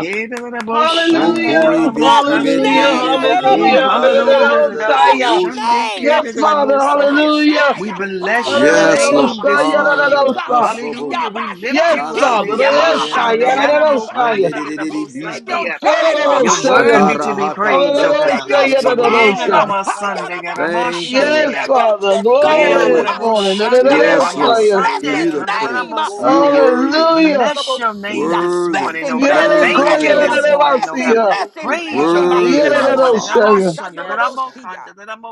S2: Ukuri
S3: Hallelujah.
S1: Bless his
S3: Hallelujah.
S1: name.
S2: bishibendididi
S4: Hey,
S3: Hallelujah.
S2: bakur
S1: Adonabosea.
S4: hallelujah.
S2: adadadadada
S1: Bless
S3: Hallelujah.
S1: his
S2: buhushaba.
S1: name.
S3: Yes, Father.
S4: Ramashandayaramosandiya.
S3: Hallelujah.
S4: We
S1: Harabashaya.
S4: bless
S1: Ah,
S4: your
S1: name
S2: Yes,
S1: above
S2: Lord.
S4: name this
S2: Ah, da,
S1: all
S4: morning.
S2: da,
S1: names.
S2: da.
S1: Ah,
S3: Hallelujah.
S2: Asobo.
S4: Hallelujah. We lift
S1: Yabasha.
S3: Yes,
S4: you up.
S2: Rama
S1: He's
S3: Father.
S2: to
S1: Yah.
S3: Yes,
S1: Ah,
S2: Kureyana
S3: I.
S2: Naman.
S3: El
S1: Rabasha.
S2: Shandedididi
S1: He's been your
S2: Bishaba.
S3: Shaddai,
S1: Jireh.
S3: El
S4: You're
S1: Ah,
S3: Shaddai, El Shaddai,
S4: worthy to
S2: Shakara
S4: be
S2: Haka.
S4: praised, O
S1: Shaya
S2: Reto
S3: El
S4: God.
S1: your
S3: Shaddai, El
S1: shalom.
S2: Mohusha.
S3: Shaddai.
S1: Ayarabasa.
S2: Thank you,
S1: He's
S2: Lord.
S3: Yes,
S1: been your
S3: Father.
S1: kiss
S3: Glory
S1: canoe.
S3: this
S2: Glory.
S4: Bless
S3: morning. El
S2: Yes,
S1: Exhatoya.
S2: Lord.
S3: Shaddai.
S1: Bless
S2: Give you
S1: his
S2: the praise.
S1: name.
S2: You're worthy.
S3: Hallelujah.
S4: your name
S1: Erabashandarabosia.
S4: this
S1: Bless
S2: Worthy.
S4: morning,
S1: him,
S4: oh
S3: El
S4: God.
S1: bless
S3: Shaddai,
S1: him,
S4: Thank
S1: bless
S2: Worthy,
S4: you
S1: him.
S2: O
S4: this
S2: God.
S3: El
S4: morning,
S1: Bless
S4: oh God.
S1: him,
S3: Shaddai.
S1: bless him,
S4: Praise
S1: bless
S4: your
S1: him.
S4: name
S2: Worthy,
S4: this
S2: my
S3: El
S4: morning.
S2: Father.
S3: Shaddai.
S1: Matorabashandarabosia.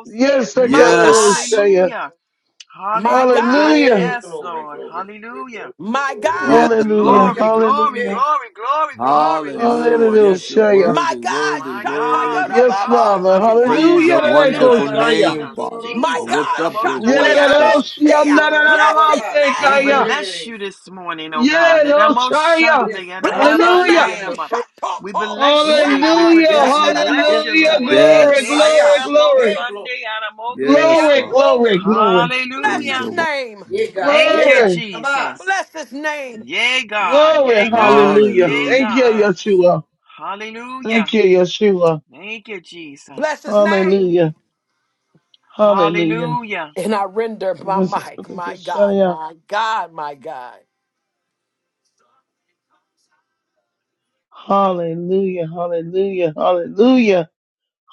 S3: Yes, the
S1: My
S3: El
S1: God,
S2: Yes.
S3: Shaddai.
S4: Hallelujah.
S1: my
S4: Hallelujah.
S1: God,
S3: Hallelujah.
S2: Hey,
S4: Yes,
S2: glory,
S4: Lord.
S2: glory, glory,
S4: Hallelujah.
S2: glory.
S1: my God,
S2: Yes, Ah,
S3: Hallelujah.
S2: Lord. yeah.
S4: Glory, glory,
S3: Hallelujah.
S2: Hey.
S4: glory, glory, glory this
S2: Hallelujah.
S3: Hallelujah. El
S4: morning.
S2: Yes, you're
S3: Shaddai.
S1: my
S2: worthy,
S1: God.
S2: worthy,
S4: My God,
S2: worthy.
S4: my
S3: Yes,
S4: God,
S3: Father.
S4: my
S2: I
S1: Shatayarabosia.
S4: Redeemer,
S2: praise Yes,
S3: Hallelujah.
S2: your God.
S4: my
S3: El
S4: Healer,
S2: wonderful
S3: Shaddai.
S2: name,
S4: Jesus,
S2: Father. I
S1: My
S4: Jesus.
S2: lift
S1: God,
S2: up your holy
S4: Ramoshandia.
S2: and precious name.
S1: Shatayarabosia. Bless his
S4: We
S1: name.
S3: Yedoshiyandanamasekaya.
S4: bless you this morning, oh God.
S3: Yedoshaya.
S2: Yes,
S4: Ramoshandia,
S1: Bless his
S3: Hallelujah.
S4: Ramokandia,
S1: name.
S4: Rama. We
S1: Shatoko
S4: bless you. We
S1: Rababa
S3: Hallelujah.
S4: protect.
S2: Yes,
S4: We
S2: God.
S4: bless
S2: Yes,
S4: you,
S2: God.
S3: Hallelujah.
S1: Shandadabosia.
S2: Ah,
S4: Lord.
S2: yeah.
S4: Eke,
S3: Glory,
S4: de, de,
S3: glory,
S2: Yes.
S3: glory.
S2: Hey, glory,
S4: Ramosandia, Ramokea.
S2: Yes,
S3: Glory,
S2: Father.
S3: glory,
S2: glory.
S3: glory.
S1: Bless
S2: Praise
S4: Hallelujah.
S1: his
S2: your one.
S1: name.
S2: Yeah, name. God.
S4: Thank
S2: Yeah,
S4: you,
S2: God.
S3: Glory,
S2: Abba.
S4: Jesus.
S1: Bless his name.
S4: Yay, God. Yay,
S3: glory.
S4: God.
S3: Hallelujah.
S4: Yay,
S2: Hallelujah.
S3: Thank you,
S4: God.
S2: Yes.
S3: Yeshua. Thank
S4: Hallelujah.
S3: you, Yeshua.
S4: Thank you,
S1: Bless
S4: Jesus.
S1: his name.
S3: Hallelujah. Hallelujah.
S4: Hallelujah.
S1: And I render my mic. My God, my God, my God.
S3: Hallelujah. Hallelujah. Hallelujah.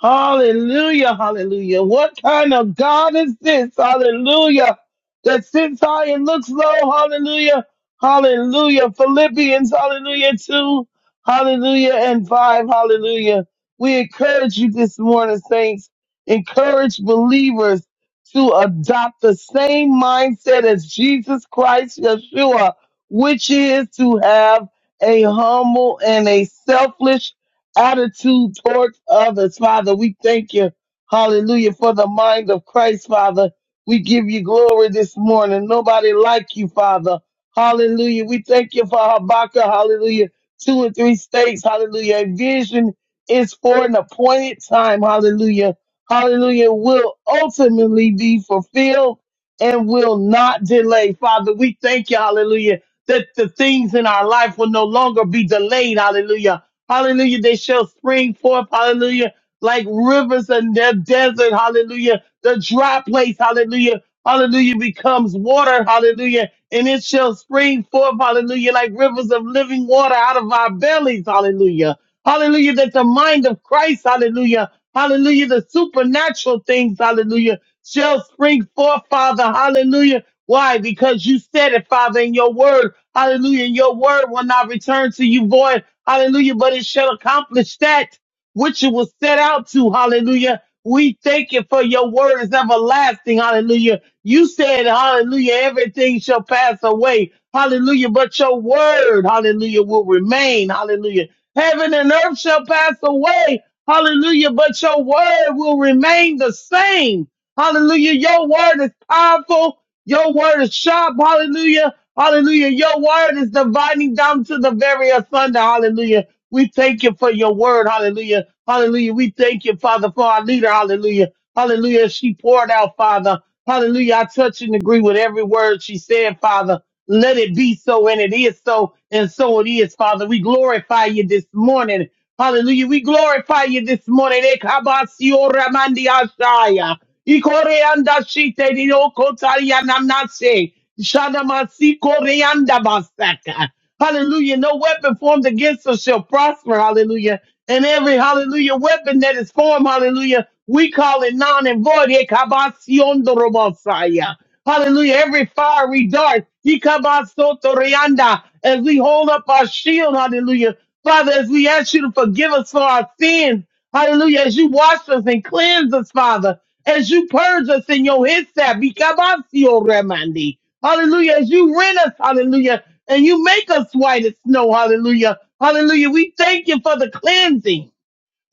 S3: Hallelujah, hallelujah. What kind of God is this? Hallelujah. That sits high and looks low. Hallelujah. Hallelujah. Philippians, hallelujah, 2, hallelujah, and 5, hallelujah. We encourage you this morning, saints. Encourage believers to adopt the same mindset as Jesus Christ, Yeshua, which is to have a humble and a selfless attitude towards others, Father. We thank you, hallelujah, for the mind of Christ, Father. We give you glory this morning. Nobody like you, Father. Hallelujah. We thank you for Habakkuk, hallelujah, two and three states, hallelujah. A vision is for an appointed time, hallelujah. Hallelujah will ultimately be fulfilled and will not delay. Father, we thank you, hallelujah, that the things in our life will no longer be delayed, hallelujah. Hallelujah. They shall spring forth. Hallelujah. Like rivers in the desert. Hallelujah. The dry place. Hallelujah. Hallelujah becomes water. Hallelujah. And it shall spring forth. Hallelujah. Like rivers of living water out of our bellies. Hallelujah. Hallelujah. That the mind of Christ. Hallelujah. Hallelujah. The supernatural things. Hallelujah. Shall spring forth, Father. Hallelujah. Why? Because you said it, Father, in your word. Hallelujah. And your word will not return to you void. Hallelujah. But it shall accomplish that which it was set out to. Hallelujah. We thank you for your word is everlasting. Hallelujah. You said, hallelujah, everything shall pass away. Hallelujah. But your word, hallelujah, will remain. Hallelujah. Heaven and earth shall pass away. Hallelujah. But your word will remain the same. Hallelujah. Your word is powerful. Your word is sharp. Hallelujah. Hallelujah. Your word is dividing down to the very asunder. Hallelujah. We thank you for your word. Hallelujah. Hallelujah. We thank you, Father, for our leader. Hallelujah. Hallelujah. She poured out, Father. Hallelujah. I touch and agree with every word she said, Father. Let it be so, and it is so, and so it is, Father. We glorify you this morning. Hallelujah. We glorify you this morning. Ekabasio ramandi ashaya. Ikoreanda shite diokotaria namnase. Shanamasi koreanda basaka. Hallelujah. No weapon formed against us shall prosper. Hallelujah and every hallelujah weapon that is formed, hallelujah, we call it non and void. Ekabasion dorobosaya. Hallelujah. Every fiery dart, ekabasotorianda, as we hold up our shield, hallelujah. Father, as we ask you to forgive us for our sins, hallelujah, as you wash us and cleanse us, Father, as you purge us in your hyssop, ekabasio remandi. hallelujah, as you rent us, hallelujah, and you make us white as snow. Hallelujah. Hallelujah. We thank you for the cleansing.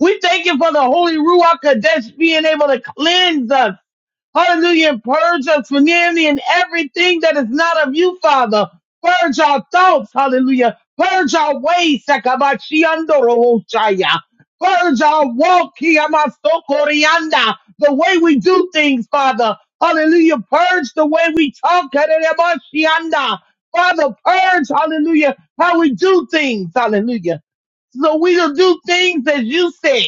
S3: We thank you for the Holy Ruach Kadesh being able to cleanse us. Hallelujah. And purge us from envy and everything that is not of you, Father. Purge our thoughts. Hallelujah. Purge our ways. Sakabashiandorohoshaya. Purge our walk. Kiyamasokorianda. The way we do things, Father. Hallelujah. Purge the way we talk. Karerebashianda. Father, purge. Hallelujah. How we do things. Hallelujah. So we will do things as you said.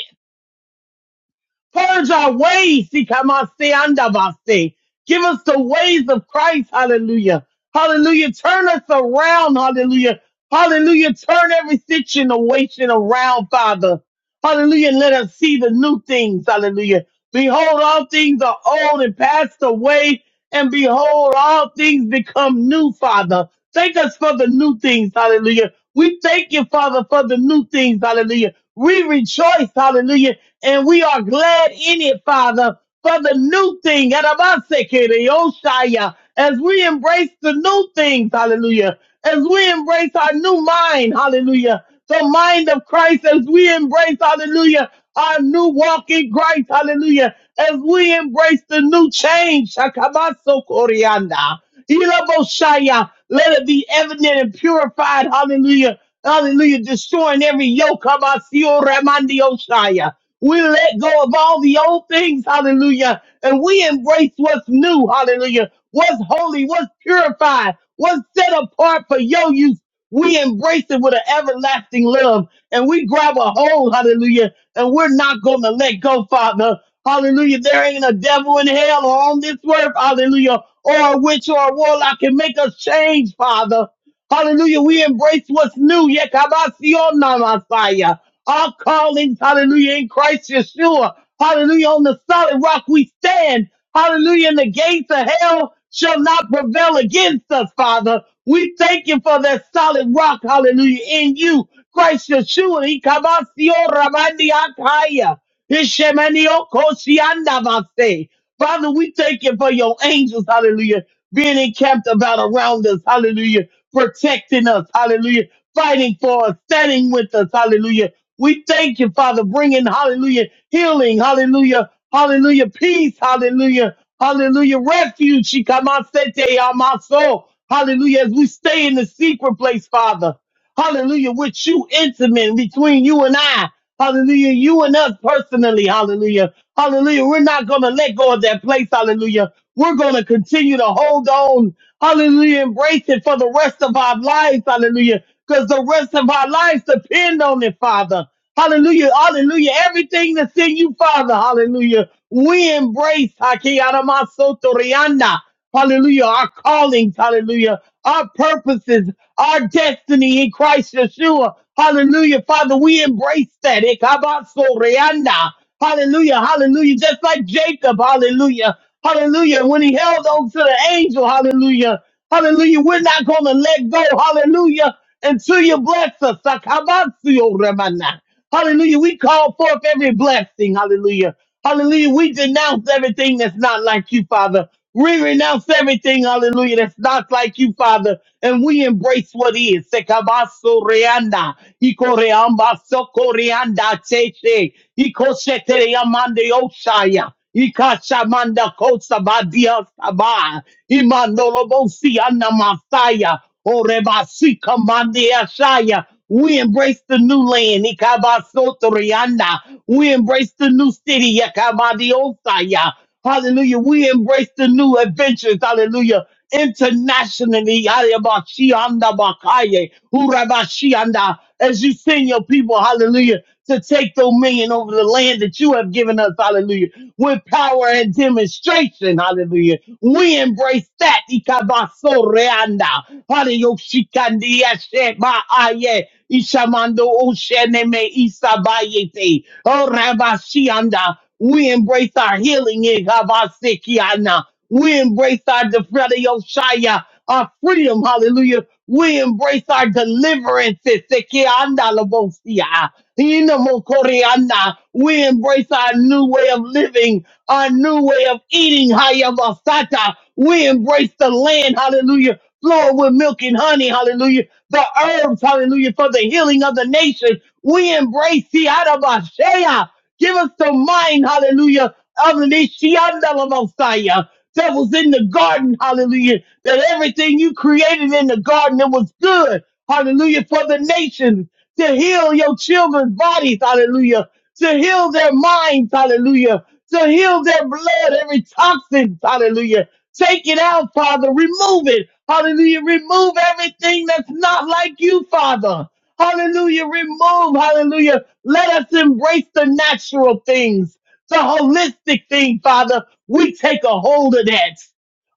S3: Purge our ways. Ikamasiandavasi. Give us the ways of Christ. Hallelujah. Hallelujah. Turn us around. Hallelujah. Hallelujah. Turn every situation around, Father. Hallelujah. let us see the new things. Hallelujah. Behold, all things are old and passed away and behold, all things become new, Father. Thank us for the new things, hallelujah. We thank you, Father, for the new things, hallelujah. We rejoice, hallelujah, and we are glad in it, Father, for the new thing. Yadabasakiriyoshaya. As we embrace the new things, hallelujah. As we embrace our new mind, hallelujah. The mind of Christ, as we embrace, hallelujah our new walk in Christ. Hallelujah. As we embrace the new change, Shakabaso Koryanda, Ilaboshaya, let it be evident and purified. Hallelujah. Hallelujah. Destroying every yoke. Kabasio Ramandio Shaya. We let go of all the old things. Hallelujah. And we embrace what's new. Hallelujah. What's holy, what's purified, what's set apart for your use. We embrace it with an everlasting love and we grab a hold, hallelujah, and we're not going to let go, Father. Hallelujah. There ain't a devil in hell or on this earth, hallelujah, or a witch or a warlock can make us change, Father. Hallelujah. We embrace what's new. Yekabasionda Messiah. Our callings, hallelujah, in Christ Yeshua. Hallelujah. On the solid rock we stand. Hallelujah. And the gates of hell shall not prevail against us, Father. We thank you for that solid rock, hallelujah, in you. Christ Yeshua. Ikabasio Rabandiakaya. Ishemaniokosiandavase. Father, we thank you for your angels, hallelujah, being encamped about around us, hallelujah, protecting us, hallelujah, fighting for us, standing with us, hallelujah. We thank you, Father, bringing, hallelujah, healing, hallelujah, hallelujah, peace, hallelujah, hallelujah, refuge, shikamasete, amaso, hallelujah, as we stay in the secret place, Father. Hallelujah. With you intimate between you and I. Hallelujah. You and us personally. Hallelujah. Hallelujah. We're not going to let go of that place. Hallelujah. We're going to continue to hold on. Hallelujah. Embrace it for the rest of our lives. Hallelujah. Because the rest of our lives depend on it, Father. Hallelujah. Hallelujah. Everything that's in you, Father. Hallelujah. We embrace Haki Aramasoto Rihanna. Hallelujah. Our callings. Hallelujah. Our purposes. Our destiny in Christ Yeshua. Hallelujah. Father, we embrace that. Ikabasoreanda. Hallelujah. Hallelujah. Just like Jacob. Hallelujah. Hallelujah. When he held on to the angel. Hallelujah. Hallelujah. We're not going to let go. Hallelujah. Until you bless us. Sakabatsu, Remana. Hallelujah. We call forth every blessing. Hallelujah. Hallelujah. We denounce everything that's not like you, Father. We renounce everything, hallelujah, that's not like you, Father, and we embrace what is. Sekabaso reanda, ikoreamba sokoreanda cheche, ikoshetere amande oshaya, ikashamanda kosa badia sabah, imandolobosi anamasaya, orebasi kamande ashaya, we embrace the new land. Ikabasotoriana. We embrace the new city. Yakabadiosaya. Hallelujah. We embrace the new adventures. Hallelujah. Internationally. Yadabashiandabakaye. Urabashianda. As you send your people, hallelujah, to take dominion over the land that you have given us. Hallelujah with power and demonstration. Hallelujah. We embrace that. ikabaso Ikabasoreanda. Hallelujah. Shikandi yashe ba aye. Ishamando oshene me Isabayete. Oh Rabashianda. We embrace our healing. Ikabasekiana. We embrace our defredio Shaya, our freedom. Hallelujah. We embrace our deliverance. Sekianda Labosia. Inamokoriana. We embrace our new way of living, our new way of eating. Hayabasata. We embrace the land. Hallelujah. Flowing with milk and honey. Hallelujah. The herbs. Hallelujah. For the healing of the nation. We embrace Siadabashea. Give us the mind. Hallelujah. Of the Nishiandalamosaya that was in the garden, hallelujah, that everything you created in the garden, it was good, hallelujah, for the nations to heal your children's bodies, hallelujah, to heal their minds, hallelujah, to heal their blood, every toxin, hallelujah. Take it out, Father. Remove it. Hallelujah. Remove everything that's not like you, Father. Hallelujah. Remove. Hallelujah. Let us embrace the natural things, the holistic thing, Father. We take a hold of that.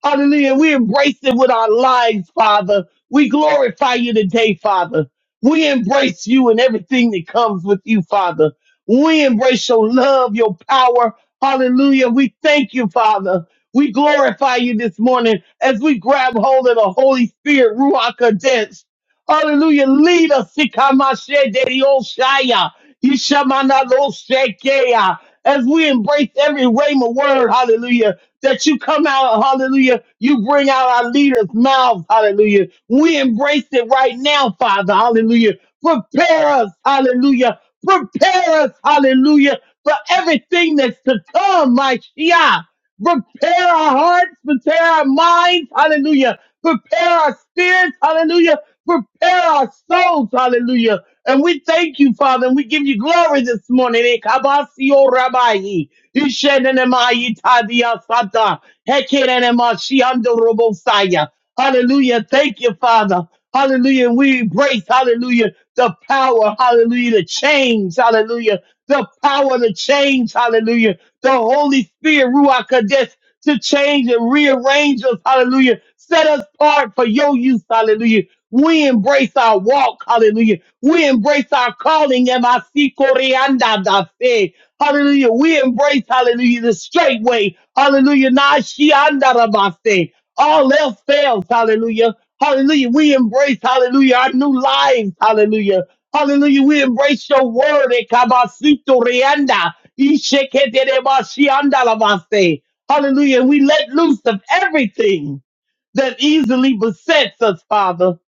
S3: Hallelujah. We embrace it with our lives, Father. We glorify you today, Father. We embrace you and everything that comes with you, Father. We embrace your love, your power. Hallelujah. We thank you, Father. We glorify you this morning as we grab hold of the Holy Spirit, Ruach Kadesh. Hallelujah. Lead us. Sikamashe de Yoshaya. Yishamana lo shekeya. As we embrace every rhema word, hallelujah that you come out, hallelujah. You bring out our leaders' mouths, hallelujah. We embrace it right now, Father, hallelujah. Prepare us, hallelujah. Prepare us, hallelujah, for everything that's to come, my Shia. Prepare our hearts, prepare our minds, hallelujah. Prepare our spirits, hallelujah. Prepare our souls, hallelujah. And we thank you, Father, and we give you glory this morning. Eh, kabasio rabai. Ishenenemayitadiasata. Hekenenemashiandorobosaya. Hallelujah. Thank you, Father. Hallelujah. We embrace, hallelujah, the power, hallelujah, the change, hallelujah, the power to change, hallelujah. The Holy Spirit, Ruach Kadesh, to change and rearrange us, hallelujah. Set us apart for your use, hallelujah. We embrace our walk, hallelujah. We embrace our calling, MIC Koreanda da fe. Hallelujah. We embrace, hallelujah, the straight way. Hallelujah. Na shianda da ba se. All else fails, hallelujah. Hallelujah. We embrace, hallelujah, our new lives. Hallelujah. Hallelujah. We embrace your word. Ekabasito rianda. Isheketerebashianda lavase. Hallelujah. We let loose of everything that easily besets us, Father.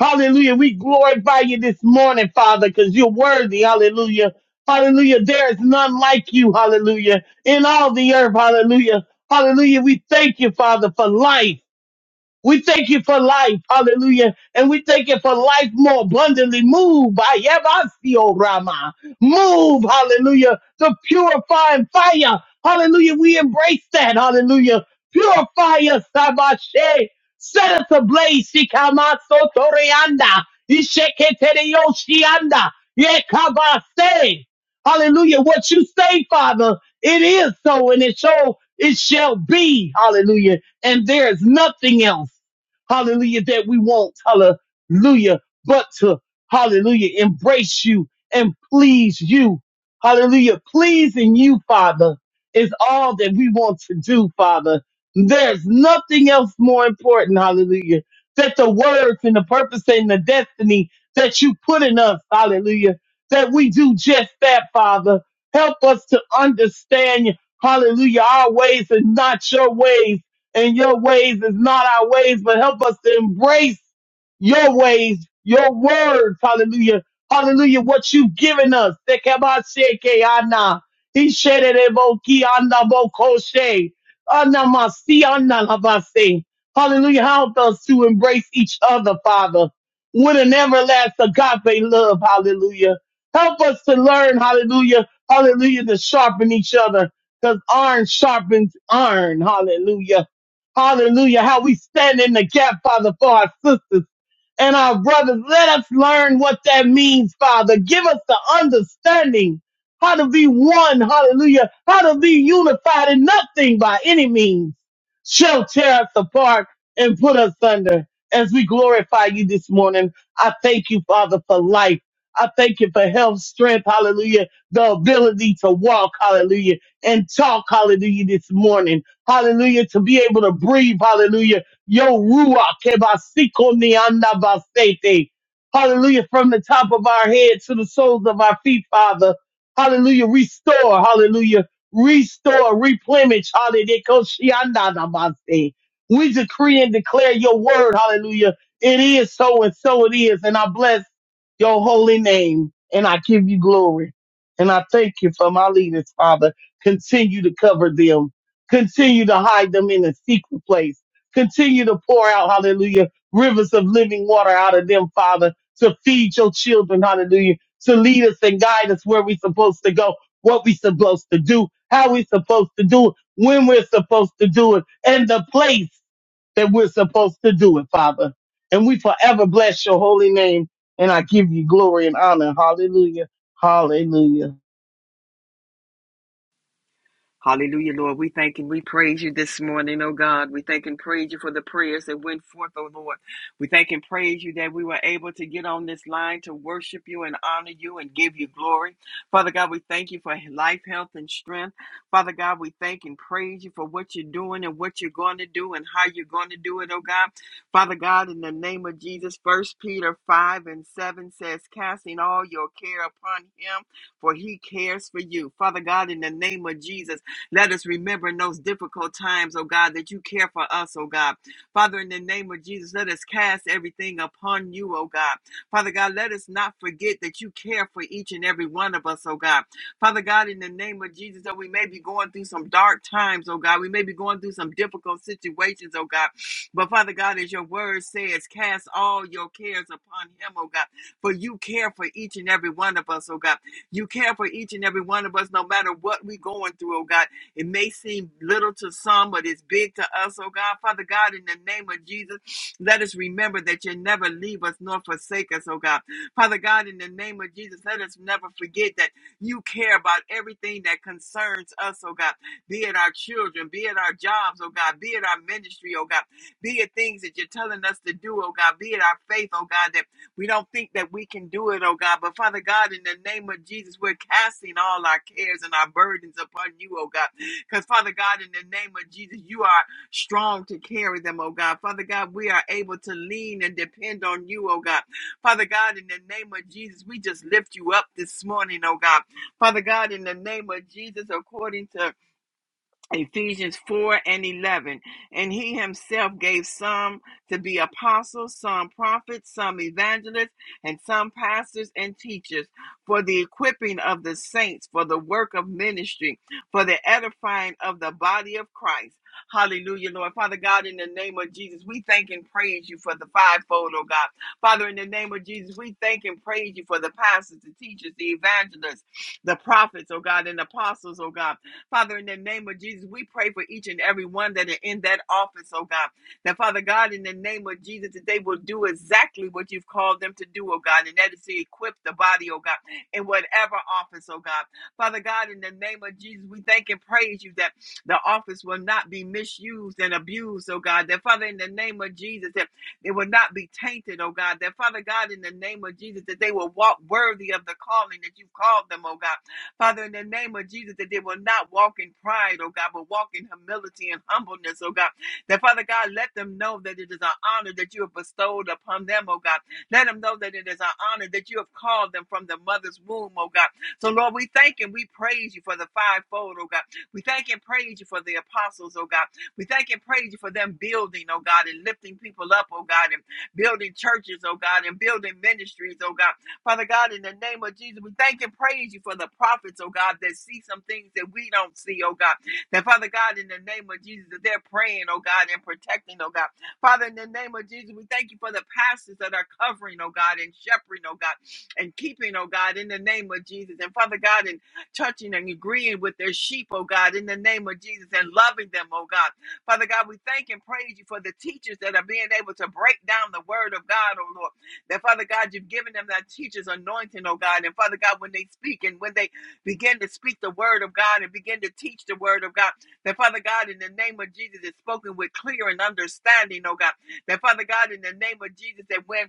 S3: Hallelujah. We glorify you this morning, Father, because you're worthy. Hallelujah. Hallelujah. There is none like you. Hallelujah. In all the earth. Hallelujah. Hallelujah. We thank you, Father, for life. We thank you for life. Hallelujah. And we thank you for life more abundantly. Move by Yabasio Rama. Move. Hallelujah. The purifying fire. Hallelujah. We embrace that. Hallelujah. Purify us, Sabashe. Set us ablaze. Shikamaso Toreanda. Isheketereyoshianda. Yekabase. Hallelujah. What you say, Father, it is so and it shall, it shall be. Hallelujah and there is nothing else, hallelujah, that we want, hallelujah, but to, hallelujah, embrace you and please you. Hallelujah. Pleasing you, Father, is all that we want to do, Father. There's nothing else more important, hallelujah, that the words and the purpose and the destiny that you put in us, hallelujah, that we do just that, Father. Help us to understand, hallelujah, our ways and not your ways and your ways is not our ways, but help us to embrace your ways, your words. Hallelujah. Hallelujah. What you've given us. Sekebasheke ana. Ishereboki ana bokoshe. Ana masi ana labase. Hallelujah. Help us to embrace each other, Father, with an everlasting agape love. Hallelujah. Help us to learn, hallelujah, hallelujah, to sharpen each other because iron sharpens iron. Hallelujah. Hallelujah. How we stand in the gap, Father, for our sisters and our brothers. Let us learn what that means, Father. Give us the understanding how to be one, hallelujah, how to be unified, and nothing by any means shall tear us apart and put us under. As we glorify you this morning, I thank you, Father, for life. I thank you for health, strength, hallelujah, the ability to walk, hallelujah, and talk, hallelujah, this morning, hallelujah, to be able to breathe, hallelujah, Yo Ruach Kebasiko Nianda Basete. Hallelujah. From the top of our head to the soles of our feet, Father. Hallelujah. Restore. Hallelujah. Restore. Replenish. Hallelujah. Koshianda Namaste. We decree and declare your word. Hallelujah. It is so and so it is. And I bless your holy name and I give you glory. And I thank you for my leaders, Father. Continue to cover them. Continue to hide them in a secret place Continue to pour out, hallelujah, rivers of living water out of them, Father, to feed your children, hallelujah, to lead us and guide us where we're supposed to go, what we're supposed to do, how we're supposed to do it, when we're supposed to do it, and the place that we're supposed to do it, Father. And we forever bless your holy name, and I give you glory and honor. Hallelujah. Hallelujah.
S4: Hallelujah, Lord. We thank and we praise you this morning, oh God. We thank and praise you for the prayers that went forth, oh Lord. We thank and praise you that we were able to get on this line to worship you and honor you and give you glory. Father God, we thank you for life, health, and strength. Father God, we thank and praise you for what you're doing and what you're going to do and how you're going to do it, oh God. Father God, in the name of Jesus, First Peter 5 and 7 says, casting all your care upon him, for he cares for you. Father God, in the name of Jesus, let us remember in those difficult times, oh God, that you care for us, oh God. Father, in the name of Jesus, let us cast everything upon you, oh God. Father God, let us not forget that you care for each and every one of us, oh God. Father God, in the name of Jesus, that we may be going through some dark times, oh God. We may be going through some difficult situations, oh God. But Father God, as your word says, cast all your cares upon him, oh God. For you care for each and every one of us, oh God. You care for each and every one of us, no matter what we're going through, oh God. It may seem little to some, but it's big to us, oh God. Father God, in the name of Jesus, let us remember that you never leave us nor forsake us, oh God. Father God, in the name of Jesus, let us never forget that you care about everything that concerns us, oh God. Be it our children, be it our jobs, oh God, be it our ministry, oh God, be it things that you're telling us to do, oh God, be it our faith, oh God, that we don't think that we can do it, oh God. But Father God, in the name of Jesus, we're casting all our cares and our burdens upon you, oh God. Because, Father God, in the name of Jesus, you are strong to carry them, oh God. Father God, we are able to lean and depend on you, oh God. Father God, in the name of Jesus, we just lift you up this morning, oh God. Father God, in the name of Jesus, according to Ephesians 4 and 11. And he himself gave some to be apostles, some prophets, some evangelists, and some pastors and teachers for the equipping of the saints, for the work of ministry, for the edifying of the body of Christ. Hallelujah, Lord. Father God, in the name of Jesus, we thank and praise you for the fivefold, oh God. Father, in the name of Jesus, we thank and praise you for the pastors, the teachers, the evangelists, the prophets, oh God, and apostles, oh God. Father, in the name of Jesus, we pray for each and every one that are in that office, oh God. That Father God, in the name of Jesus, that they will do exactly what you've called them to do, oh God, and that is to equip the body, oh God, in whatever office, oh God. Father God, in the name of Jesus, we thank and praise you that the office will not be misused and abused, oh God. That Father, in the name of Jesus, that it will not be tainted, oh God. That Father God, in the name of Jesus, that they will walk worthy of the calling that you've called them, oh God. Father, in the name of Jesus, that they will not walk in pride, oh God, but walk in humility and humbleness, oh God. That Father God, let them know that it is an honor that you have bestowed upon them, oh God. Let them know that it is an honor that you have called them from the mother's womb, oh God. So, Lord, we thank and we praise you for the fivefold, oh God. We thank and praise you for the apostles, oh God. We thank and praise you for them building, oh God, and lifting people up, oh God, and building churches, oh God, and building ministries, oh God. Father God, in the name of Jesus, we thank and praise you for the prophets, oh God, that see some things that we don't see, oh God. That Father God, in the name of Jesus, that they're praying, oh God, and protecting, oh God. Father, in the name of Jesus, we thank you for the pastors that are covering, oh God, and shepherding, oh God, and keeping, oh God, in the name of Jesus. And Father God, and touching and agreeing with their sheep, oh God, in the name of Jesus, and loving them, oh God. Father God, we thank and praise you for the teachers that are being able to break down the word of God, oh Lord. That Father God, you've given them that teacher's anointing, oh God. And Father God, when they speak and when they begin to speak the word of God and begin to teach the word of God, that Father God, in the name of Jesus, is spoken with clear and understanding, oh God. That Father God, in the name of Jesus, that when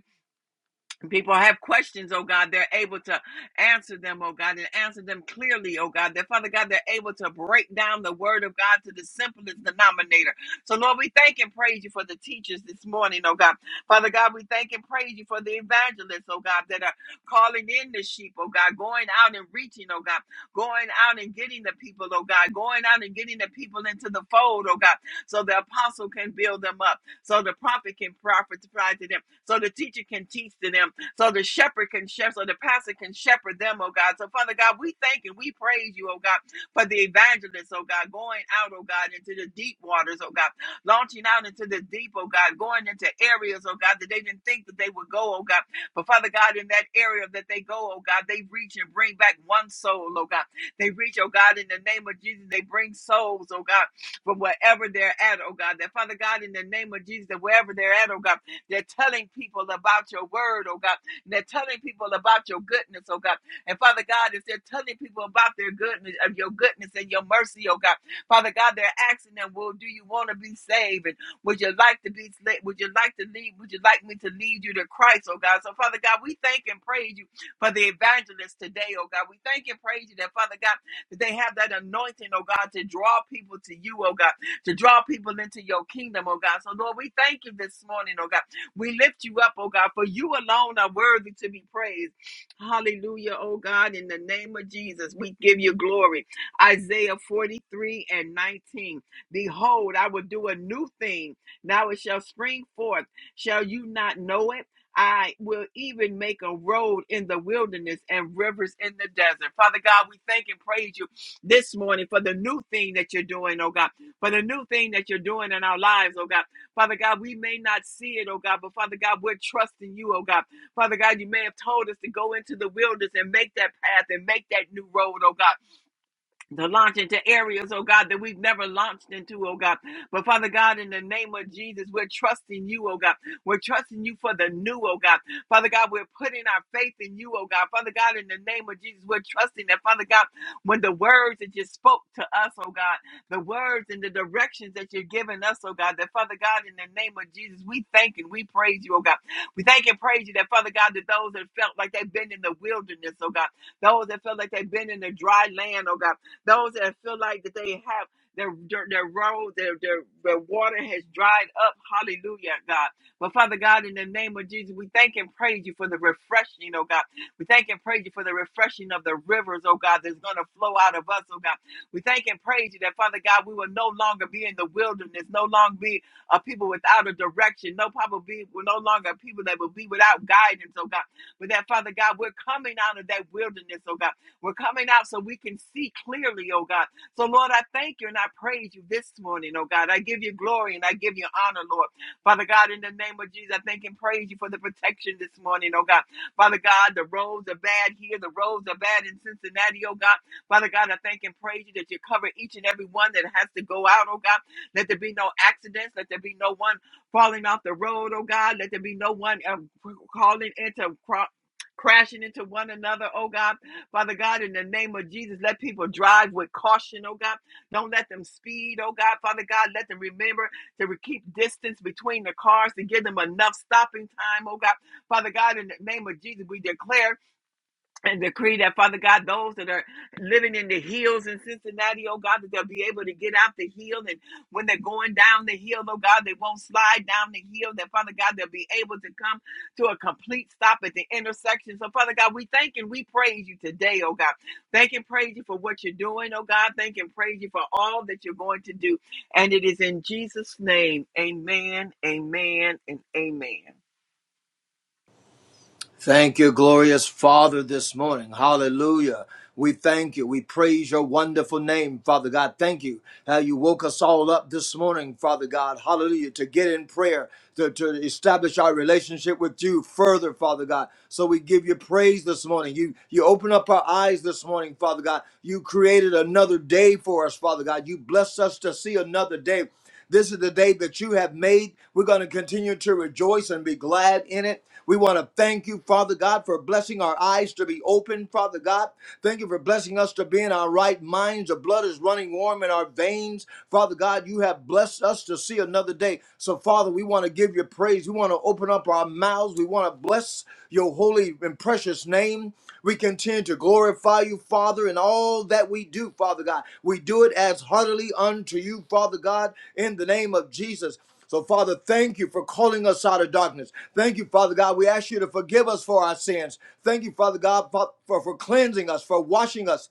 S4: People have questions, oh God. They're able to answer them, oh God, and answer them clearly, oh God. That Father God, they're able to break down the word of God to the simplest denominator. So, Lord, we thank and praise you for the teachers this morning, oh God. Father God, we thank and praise you for the evangelists, oh God, that are calling in the sheep, oh God, going out and reaching, oh God, going out and getting the people, oh God, going out and getting the people into the fold, oh God, so the apostle can build them up, so the prophet can prophesy to them, so the teacher can teach to them so the shepherd can shepherd, so the pastor can shepherd them, oh God. So, Father God, we thank and we praise you, oh God, for the evangelists, oh God, going out, oh God, into the deep waters, oh God, launching out into the deep, oh God, going into areas, oh God, that they didn't think that they would go, oh God. But Father God, in that area that they go, oh God, they reach and bring back one soul, oh God. They reach, oh God, in the name of Jesus, they bring souls, oh God, from wherever they're at, oh God. That Father God, in the name of Jesus, that wherever they're at, oh God, they're telling people about your word, oh God and they're telling people about your goodness, oh God. And Father God, as they're telling people about their goodness, of your goodness and your mercy, oh God. Father God, they're asking them, well, do you want to be saved? And would you like to be sla- would you like to lead? Would you like me to lead you to Christ, oh God? So Father God, we thank and praise you for the evangelists today, oh God. We thank and praise you that Father God, that they have that anointing, oh God, to draw people to you, oh God, to draw people into your kingdom, oh God. So Lord, we thank you this morning, oh God. We lift you up, oh God, for you alone are worthy to be praised. Hallelujah, oh God, in the name of Jesus, we give you glory. Isaiah 43 and 19. Behold, I will do a new thing. Now it shall spring forth. Shall you not know it? I will even make a road in the wilderness and rivers in the desert. Father God, we thank and praise you this morning for the new thing that you're doing, oh God, for the new thing that you're doing in our lives, oh God. Father God, we may not see it, oh God, but Father God, we're trusting you, oh God. Father God, you may have told us to go into the wilderness and make that path and make that new road, oh God to launch into areas, oh God, that we've never launched into, oh God. But Father God, in the name of Jesus, we're trusting you, oh God. We're trusting you for the new, oh God. Father God, we're putting our faith in you, oh God. Father God, in the name of Jesus, we're trusting that, Father God, when the words that you spoke to us, oh God, the words and the directions that you're giving us, oh God, that Father God, in the name of Jesus, we thank and we praise you, oh God. We thank and praise you that, Father God, that those that felt like they've been in the wilderness, oh God, those that felt like they've been in the dry land, oh God. Those that feel like that they have their their, their road, their, their their water has dried up. Hallelujah, God. But Father God, in the name of Jesus, we thank and praise you for the refreshing, oh God. We thank and praise you for the refreshing of the rivers, oh God, that's gonna flow out of us, oh God. We thank and praise you that Father God, we will no longer be in the wilderness, no longer be a people without a direction, no probably be we're no longer people that will be without guidance, oh God. But that Father God, we're coming out of that wilderness, oh God. We're coming out so we can see clearly, oh God. So, Lord, I thank you and I praise you this morning, oh God. I give you glory and I give you honor, Lord. Father God, in the name of Jesus, I thank and praise you for the protection this morning, oh God. Father God, the roads are bad here, the roads are bad in Cincinnati, oh God. Father God, I thank and praise you that you cover each and every one that has to go out, oh God. Let there be no accidents, let there be no one falling off the road, oh God. Let there be no one um, calling into cro- crashing into one another, oh God. Father God, in the name of Jesus, let people drive with caution, oh God. Don't let them speed, oh God. Father God, let them remember to keep distance between the cars to give them enough stopping time, oh God. Father God, in the name of Jesus, we declare and decree that, Father God, those that are living in the hills in Cincinnati, oh God, that they'll be able to get out the hill. And when they're going down the hill, oh God, they won't slide down the hill. That, Father God, they'll be able to come to a complete stop at the intersection. So, Father God, we thank and we praise you today, oh God. Thank and praise you for what you're doing, oh God. Thank and praise you for all that you're going to do. And it is in Jesus' name, amen, amen, and amen.
S2: Thank you, glorious Father, this morning. Hallelujah. We thank you. We praise your wonderful name, Father God. Thank you how you woke us all up this morning, Father God. Hallelujah. To get in prayer, to, to establish our relationship with you further, Father God. So we give you praise this morning. You you open up our eyes this morning, Father God. You created another day for us, Father God. You blessed us to see another day. This is the day that you have made. We're going to continue to rejoice and be glad in it. We want to thank you, Father God, for blessing our eyes to be open, Father God. Thank you for blessing us to be in our right minds. The blood is running warm in our veins. Father God, you have blessed us to see another day. So, Father, we want to give you praise. We want to open up our mouths. We want to bless your holy and precious name. We continue to glorify you, Father, in all that we do, Father God. We do it as heartily unto you, Father God, in the name of Jesus. So, Father, thank you for calling us out of darkness. Thank you, Father God. We ask you to forgive us for our sins. Thank you, Father God, for, for cleansing us, for washing us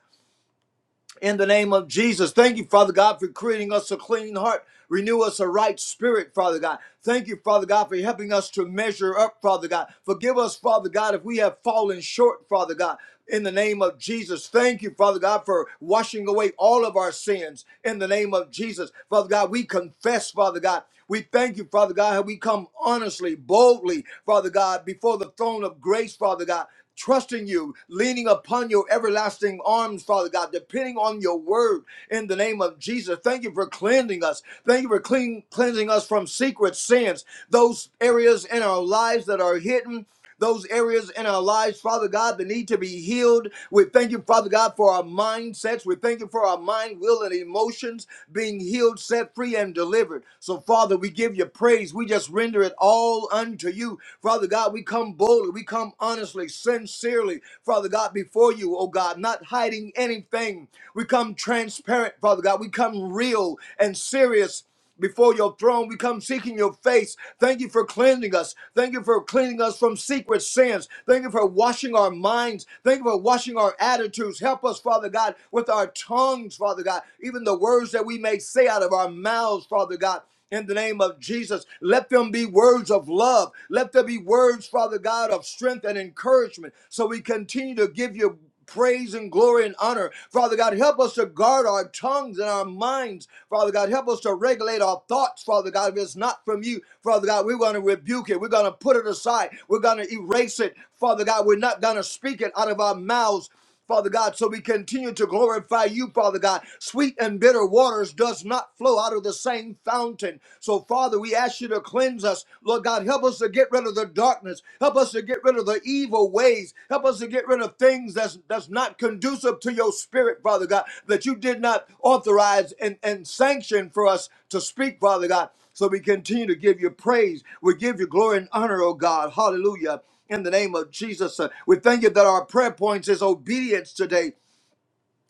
S2: in the name of Jesus. Thank you, Father God, for creating us a clean heart. Renew us a right spirit, Father God. Thank you, Father God, for helping us to measure up, Father God. Forgive us, Father God, if we have fallen short, Father God. In the name of Jesus, thank you, Father God, for washing away all of our sins. In the name of Jesus, Father God, we confess, Father God. We thank you, Father God, how we come honestly, boldly, Father God, before the throne of grace, Father God trusting you, leaning upon your everlasting arms, Father God, depending on your word in the name of Jesus. Thank you for cleansing us. Thank you for clean, cleansing us from secret sins, those areas in our lives that are hidden. Those areas in our lives, Father God, that need to be healed. We thank you, Father God, for our mindsets. We thank you for our mind, will, and emotions being healed, set free, and delivered. So, Father, we give you praise. We just render it all unto you to you. Father God, we come boldly, we come honestly, sincerely, Father God, before you, oh God, not hiding anything. We come transparent, Father God. We come real and serious before your throne. We come seeking your face. Thank you for cleansing us. Thank you for cleaning us from secret sins. Thank you for washing our minds. Thank you for washing our attitudes. Help us, Father God, with our tongues, Father God, even the words that we may say out of our mouths, Father God in the name of Jesus. Let them be words of love. Let there be words, Father God, of strength and encouragement. So we continue to give you praise and glory and honor. Father God, help us to guard our tongues and our minds. Father God, help us to regulate our thoughts, Father God. If it's not from you, Father God, we're going to rebuke it. We're going to put it aside. We're going to erase it. Father God, we're not going to speak it out of our mouths. Father God, so we continue to glorify you, Father God. Sweet and bitter waters does not flow out of the same fountain. So, Father, we ask you to cleanse us. Lord God, help us to get rid of the darkness. Help us to get rid of the evil ways. Help us to get rid of things that's, that's not conducive to your spirit, Father God, that you did not authorize and, and sanction for us to speak, Father God. So we continue to give you praise. We give you glory and honor, oh God. Hallelujah in the name of Jesus. Uh, We thank you that our prayer points is obedience today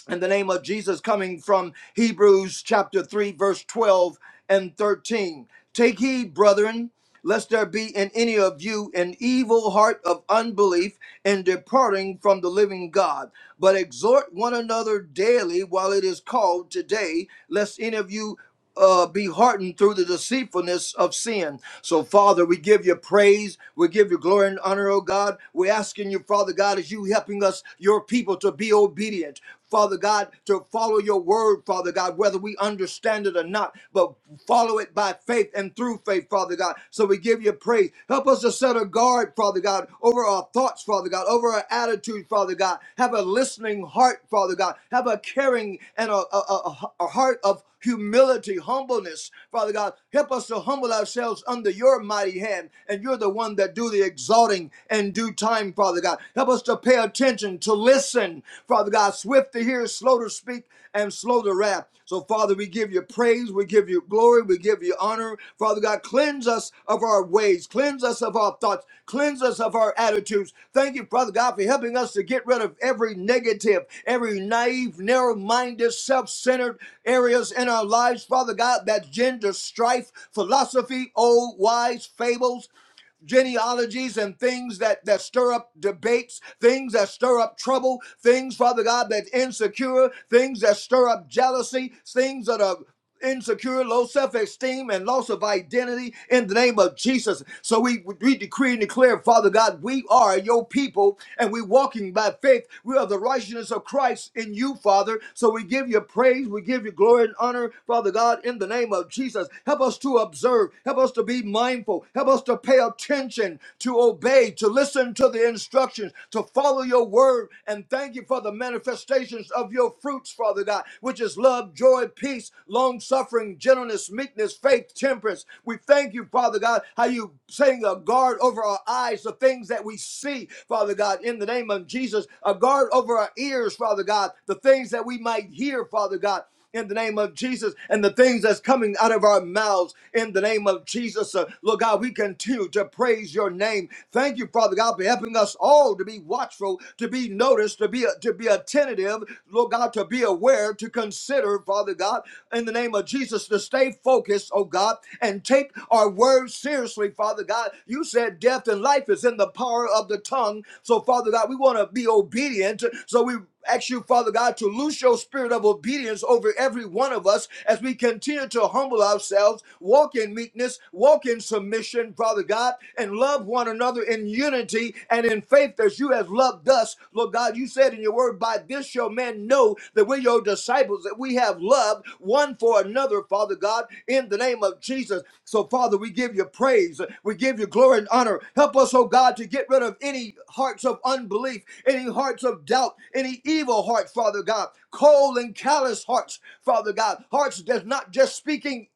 S2: in the name of Jesus, coming from Hebrews chapter 3, verse 12 and 13. Take heed, brethren. Lest there be in any of you an evil heart of unbelief in departing from the living God, but exhort one another daily while it is called today, lest any of you uh, be heartened through the deceitfulness of sin. So, Father, we give you praise. We give you glory and honor, oh God. We're asking you, Father God, as you helping us, your people, to be obedient. Father God, to follow your word, Father God, whether we understand it or not, but follow it by faith and through faith, Father God. So we give you praise. Help us to set a guard, Father God, over our thoughts, Father God, over our attitude, Father God. Have a listening heart, Father God. Have a caring and a, a, a a heart of humility, humbleness. Father God, help us to humble ourselves under your mighty hand, and you're the one that do the exalting in due time, Father God. Help us to pay attention, to listen, Father God, swift to hear, slow to speak, and slow to wrath. So, Father, we give you praise, we give you glory, we give you honor, word. Father God, cleanse us of our ways, cleanse us of our thoughts, cleanse us of our attitudes. Thank you, Father God, for helping us to get rid of every negative, every naive, narrow minded, self centered areas in our lives, Father God, that gender strife, philosophy, old wise fables genealogies and things that, that stir up debates, things that stir up trouble, things, Father God, that's insecure, things that stir up jealousy, things that are insecure, low self-esteem, and loss of identity in the name of Jesus. So we, we decree and declare, Father God, we are your people and we are walking by faith. We are the righteousness of Christ in you, Father. So we give you praise, we give you glory and honor, Father God, in the name of Jesus. Help us to observe, help us to be mindful mindful. Help us to pay attention, to obey, to listen to the instructions, to follow your word. And thank you for the manifestations of your fruits, Father God, which is love, joy, peace, long suffering, gentleness, meekness, faith, temperance. We thank you, Father God, how you setting a guard over our eyes, the things that we see, Father God, in the name of Jesus, a guard over our ears, Father God, the things that we might hear, Father God in the name of Jesus and the things that's coming out of our mouths in the name of Jesus. Uh, Lord God, we continue to praise your name. Thank you, Father God, for helping us all to be watchful, to be noticed, to be to be attentive, Lord God, to be aware, to consider, Father God, in the name of Jesus, to stay focused, oh God, and take our words seriously, Father God. You said death and life is in the power of the tongue. So, Father God, we want to be obedient. So we ask you, Father God, to loose your spirit of obedience over every one of us as we continue to humble ourselves, walk in meekness, walk in submission, Father God, and love one another in unity and in faith as you have loved us. Lord God, you said in your word, by this shall men know that we're your disciples, that we have loved one for another, Father God, in the name of Jesus. So, Father, we give you praise. We give you glory and honor. Help us, oh God, to get rid of any hearts of unbelief, any hearts of hearts of doubt, any evil heart, Father God, cold and callous hearts, Father God, hearts that's not just speaking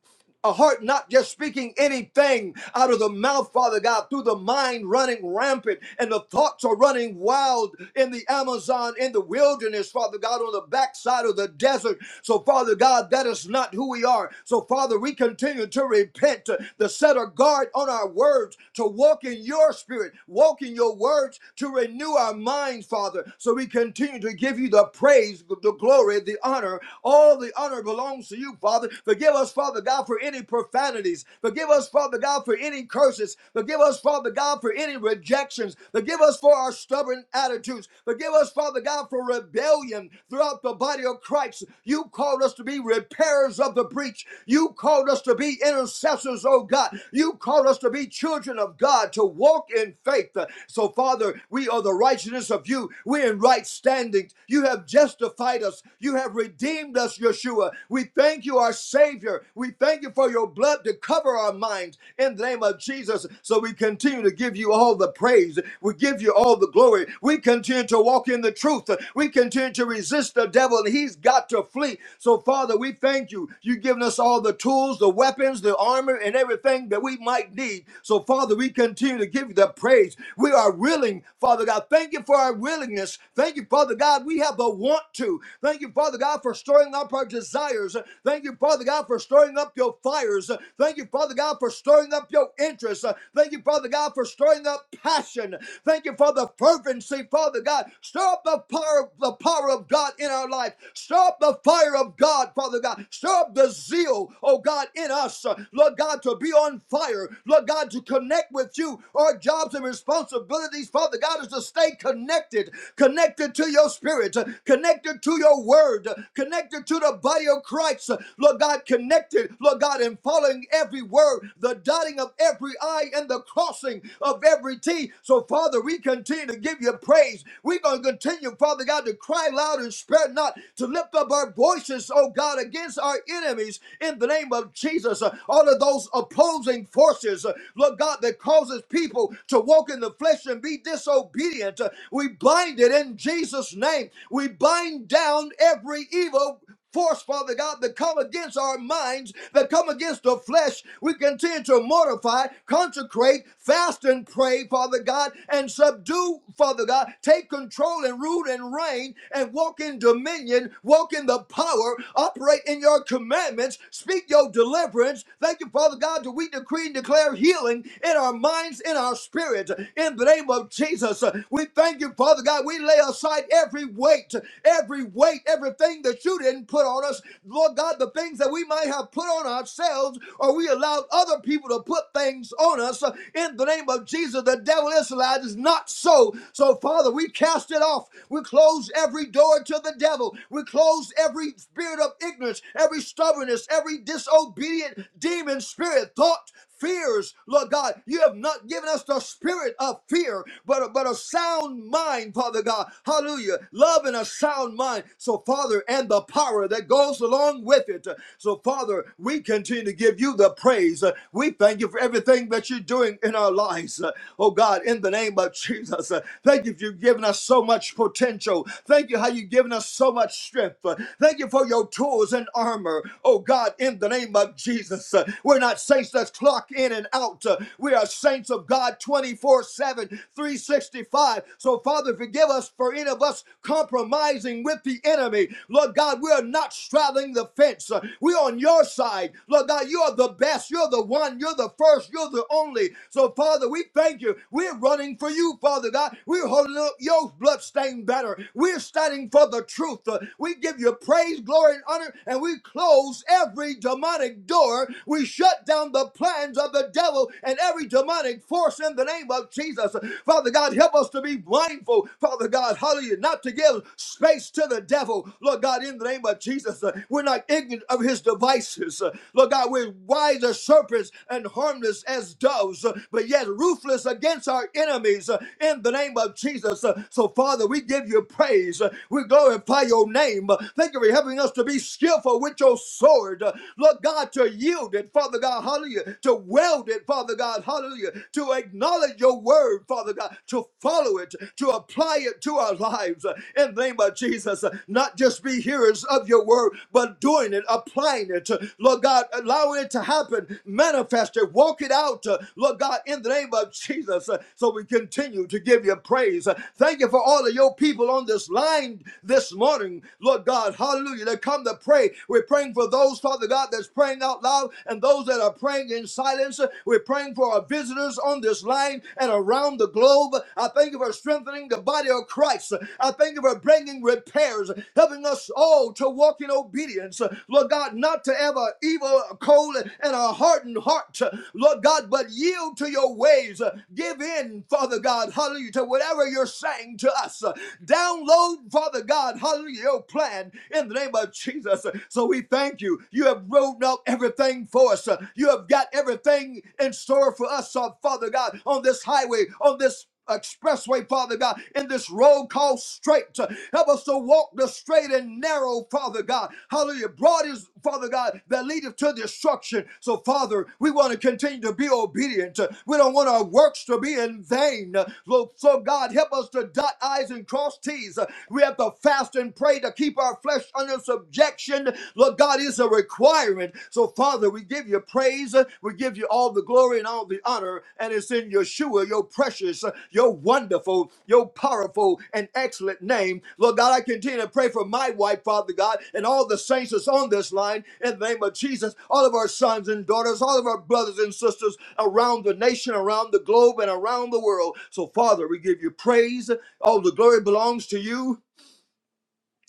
S2: a heart not just speaking anything out of the mouth, Father God, through the mind running rampant and the thoughts are running wild in the Amazon, in the wilderness, Father God, on the backside of the desert. So, Father God, that is not who we are. So, Father, we continue to repent, to, to set a guard on our words, to walk in your spirit, walk in your words, to renew our minds, Father. So we continue to give you the praise, the glory, the honor. All the honor belongs to you, Father. Forgive us, Father God, for any profanities. Forgive us, Father God, for any curses. Forgive us, Father God, for any rejections. Forgive us for our stubborn attitudes. Forgive us, Father God, for rebellion throughout the body of Christ. You called us to be repairers of the breach. You called us to be intercessors, oh God. You called us to be children of God, to walk in faith. So, Father, Father, we are the righteousness of you. We're in right standing. You have justified us. You have redeemed us, Yeshua. We thank you, our Savior. We thank you for your blood to cover our minds in the name of Jesus. So we continue to give you all the praise. We give you all the glory. We continue to walk in the truth. We continue to resist the devil, and he's got to flee. So, Father, we thank you. You've given us all the tools, the weapons, the armor, and everything that we might need. So, Father, we continue to give you the praise. We are willing, Father God. Thank you for our willingness. Thank you, Father God. We have the want to. Thank you, Father God, for stirring up our desires. Thank you, Father God, for stirring up your fires. Thank you, Father God, for stirring up your interests. Thank you, Father God, for stirring up passion. Thank you for the fervency, Father God. Stir up the power, the power of God in our life. Stir up the fire of God, Father God. Stir up the zeal, oh God, in us. Lord God, to be on fire. Lord God, to connect with you our jobs and responsibilities, Father God, is to stay connected, connected to your spirit, connected to your word, connected to the body of Christ. Lord God, connected, Lord God, and following every word, the dotting of every I and the crossing of every T. So, Father, we continue to give you praise. We're going to continue, Father God, to cry loud and spare not, to lift up our voices, oh God, against our enemies in the name of Jesus. All of those opposing forces, Lord God, God that causes people to walk in the flesh and be disobedient. Uh, We bind it in Jesus' name. We bind down every evil force, Father God, that come against our minds, that come against the flesh. We continue to mortify, consecrate, fast and pray, Father God, and subdue, Father God. Take control and rule and reign and walk in dominion, walk in the power, operate in your commandments, speak your deliverance. Thank you, Father God, that we decree and declare declare healing in our minds, in our spirit, in the name of Jesus. We thank you, Father God. We lay aside every weight, every weight, everything that you didn't put on us. Lord God, the things that we might have put on ourselves or we allowed other people to put things on us in the name of Jesus. The devil is alive. It's not so. So, Father, we cast it off. We close every door to the devil. We close every spirit of ignorance, every stubbornness, every disobedient demon spirit, thought, fears, Lord God. You have not given us the spirit of fear, but, but a sound mind, Father God. Hallelujah. Love and a sound mind. So, Father, and the power that goes along with it. So, Father, we continue to give you the praise. We thank you for everything that you're doing in our lives. Oh, God, in the name of Jesus. Thank you for you've given us so much potential. Thank you how you've given us so much strength. Thank you for your tools and armor. Oh, God, in the name of Jesus. We're not saints that's clock in and out. Uh, We are saints of God twenty-four-seven, three hundred and sixty-five. So, Father, forgive us for any of us compromising with the enemy. Lord God, we are not straddling the fence. Uh, We're on your side. Lord God, you are the best. You're the one. You're the first. You're the only. So, Father, we thank you. We're running for you, Father God. We're holding up your bloodstained banner. We're standing for the truth. Uh, We give you praise, glory, and honor, and we close every demonic demonic door. We shut down the plans of the devil and every demonic force in the name of Jesus. Father God, help us to be mindful, Father God, hallelujah, not to give space to the devil. Lord God, in the name of Jesus, uh, we're not ignorant of his devices. Uh, Lord God, we're wise as serpents and harmless as doves, uh, but yet ruthless against our enemies uh, in the name of Jesus. Uh, So, Father, we give you praise. Uh, We glorify your name. Uh, Thank you for helping us to be skillful with your sword sword, uh, Lord God, to yield it, Father God, hallelujah, to weld it, Father God, hallelujah, to acknowledge your word, Father God, to follow it, to apply it to our lives uh, in the name of Jesus. uh, Not just be hearers of your word, but doing it, applying it, uh, Lord God, allow it to happen, manifest it, walk it out, uh, Lord God, in the name of Jesus. uh, So we continue to give you praise. Uh, Thank you for all of your people on this line this morning, Lord God, hallelujah, to come to pray pray. We're praying for those, Father God, that's praying out loud and those that are praying in silence. We're praying for our visitors on this line and around the globe. I thank you for strengthening the body of Christ. I thank you for bringing repairs, helping us all to walk in obedience. Lord God, not to have an evil, cold, and a hardened heart. Lord God, but yield to your ways. Give in, Father God, hallelujah, to whatever you're saying to us. Download, Father God, hallelujah, your plan in the name of Jesus. So we thank you. You have rolled out everything for us. You have got everything in store for us, uh, Father God, on this highway, on this expressway, Father God, in this road called straight. Help us to walk the straight and narrow, Father God. Hallelujah. Broad is, Father God, that leadeth to destruction. So, Father, we want to continue to be obedient. We don't want our works to be in vain. So, so, God, help us to dot I's and cross T's. We have to fast and pray to keep our flesh under subjection. Lord God is a requirement. So, Father, we give you praise. We give you all the glory and all the honor. And it's in Yeshua, your precious, your wonderful, your powerful, and excellent name. Lord God, I continue to pray for my wife, Father God, and all the saints that's on this line in the name of Jesus, all of our sons and daughters, all of our brothers and sisters around the nation, around the globe, and around the world. So, Father, we give you praise. All the glory belongs to you.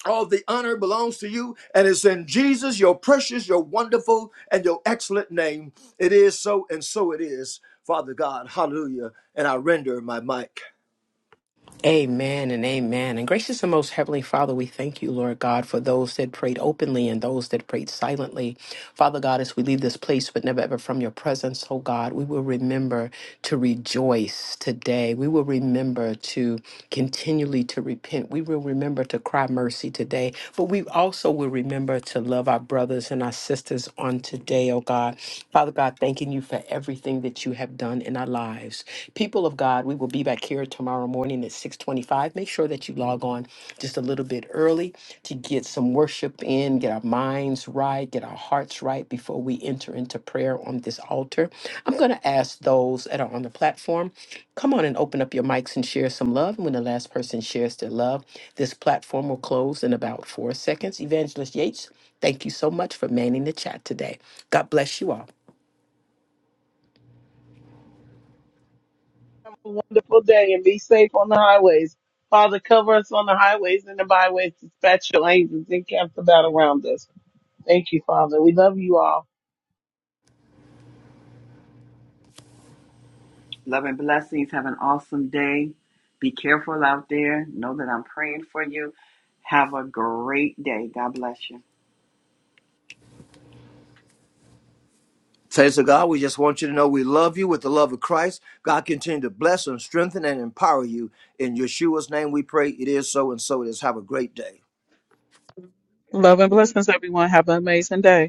S2: All the honor belongs to you, and it's in Jesus, your precious, your wonderful, and your excellent name. It is so, and so it is, Father God. Hallelujah. And I render my mic.
S1: Amen and amen. And gracious and most heavenly Father, we thank you, Lord God, for those that prayed openly and those that prayed silently. Father God, as we leave this place, but never ever from your presence, oh God, we will remember to rejoice today. We will remember to continually to repent. We will remember to cry mercy today. But we also will remember to love our brothers and our sisters on today, oh God. Father God, thanking you for everything that you have done in our lives lives. People of God, we will be back here tomorrow morning at 625. Make sure that you log on just a little bit early to get some worship in, get our minds right, get our hearts right before we enter into prayer on this altar. I'm going to ask those that are on the platform, come on and open up your mics and share some love. And when the last person shares their love, this platform will close in about four seconds. Evangelist Yates, thank you so much for manning the chat today. God bless you all.
S3: a wonderful day and be safe on the highways. Father, cover us on the highways and the byways. Dispatch your angels and camp about around us. Thank you, Father. We love you all.
S4: Love and blessings. Have an awesome day. Be careful out there. Know that I'm praying for you. Have a great day. God bless you.
S2: Thanks to God, we just want you to know we love you with the love of Christ. God continue to bless and strengthen and empower you. In Yeshua's name we pray. It is so, and so it is. Have a great day.
S5: Love and blessings, everyone. Have an amazing day.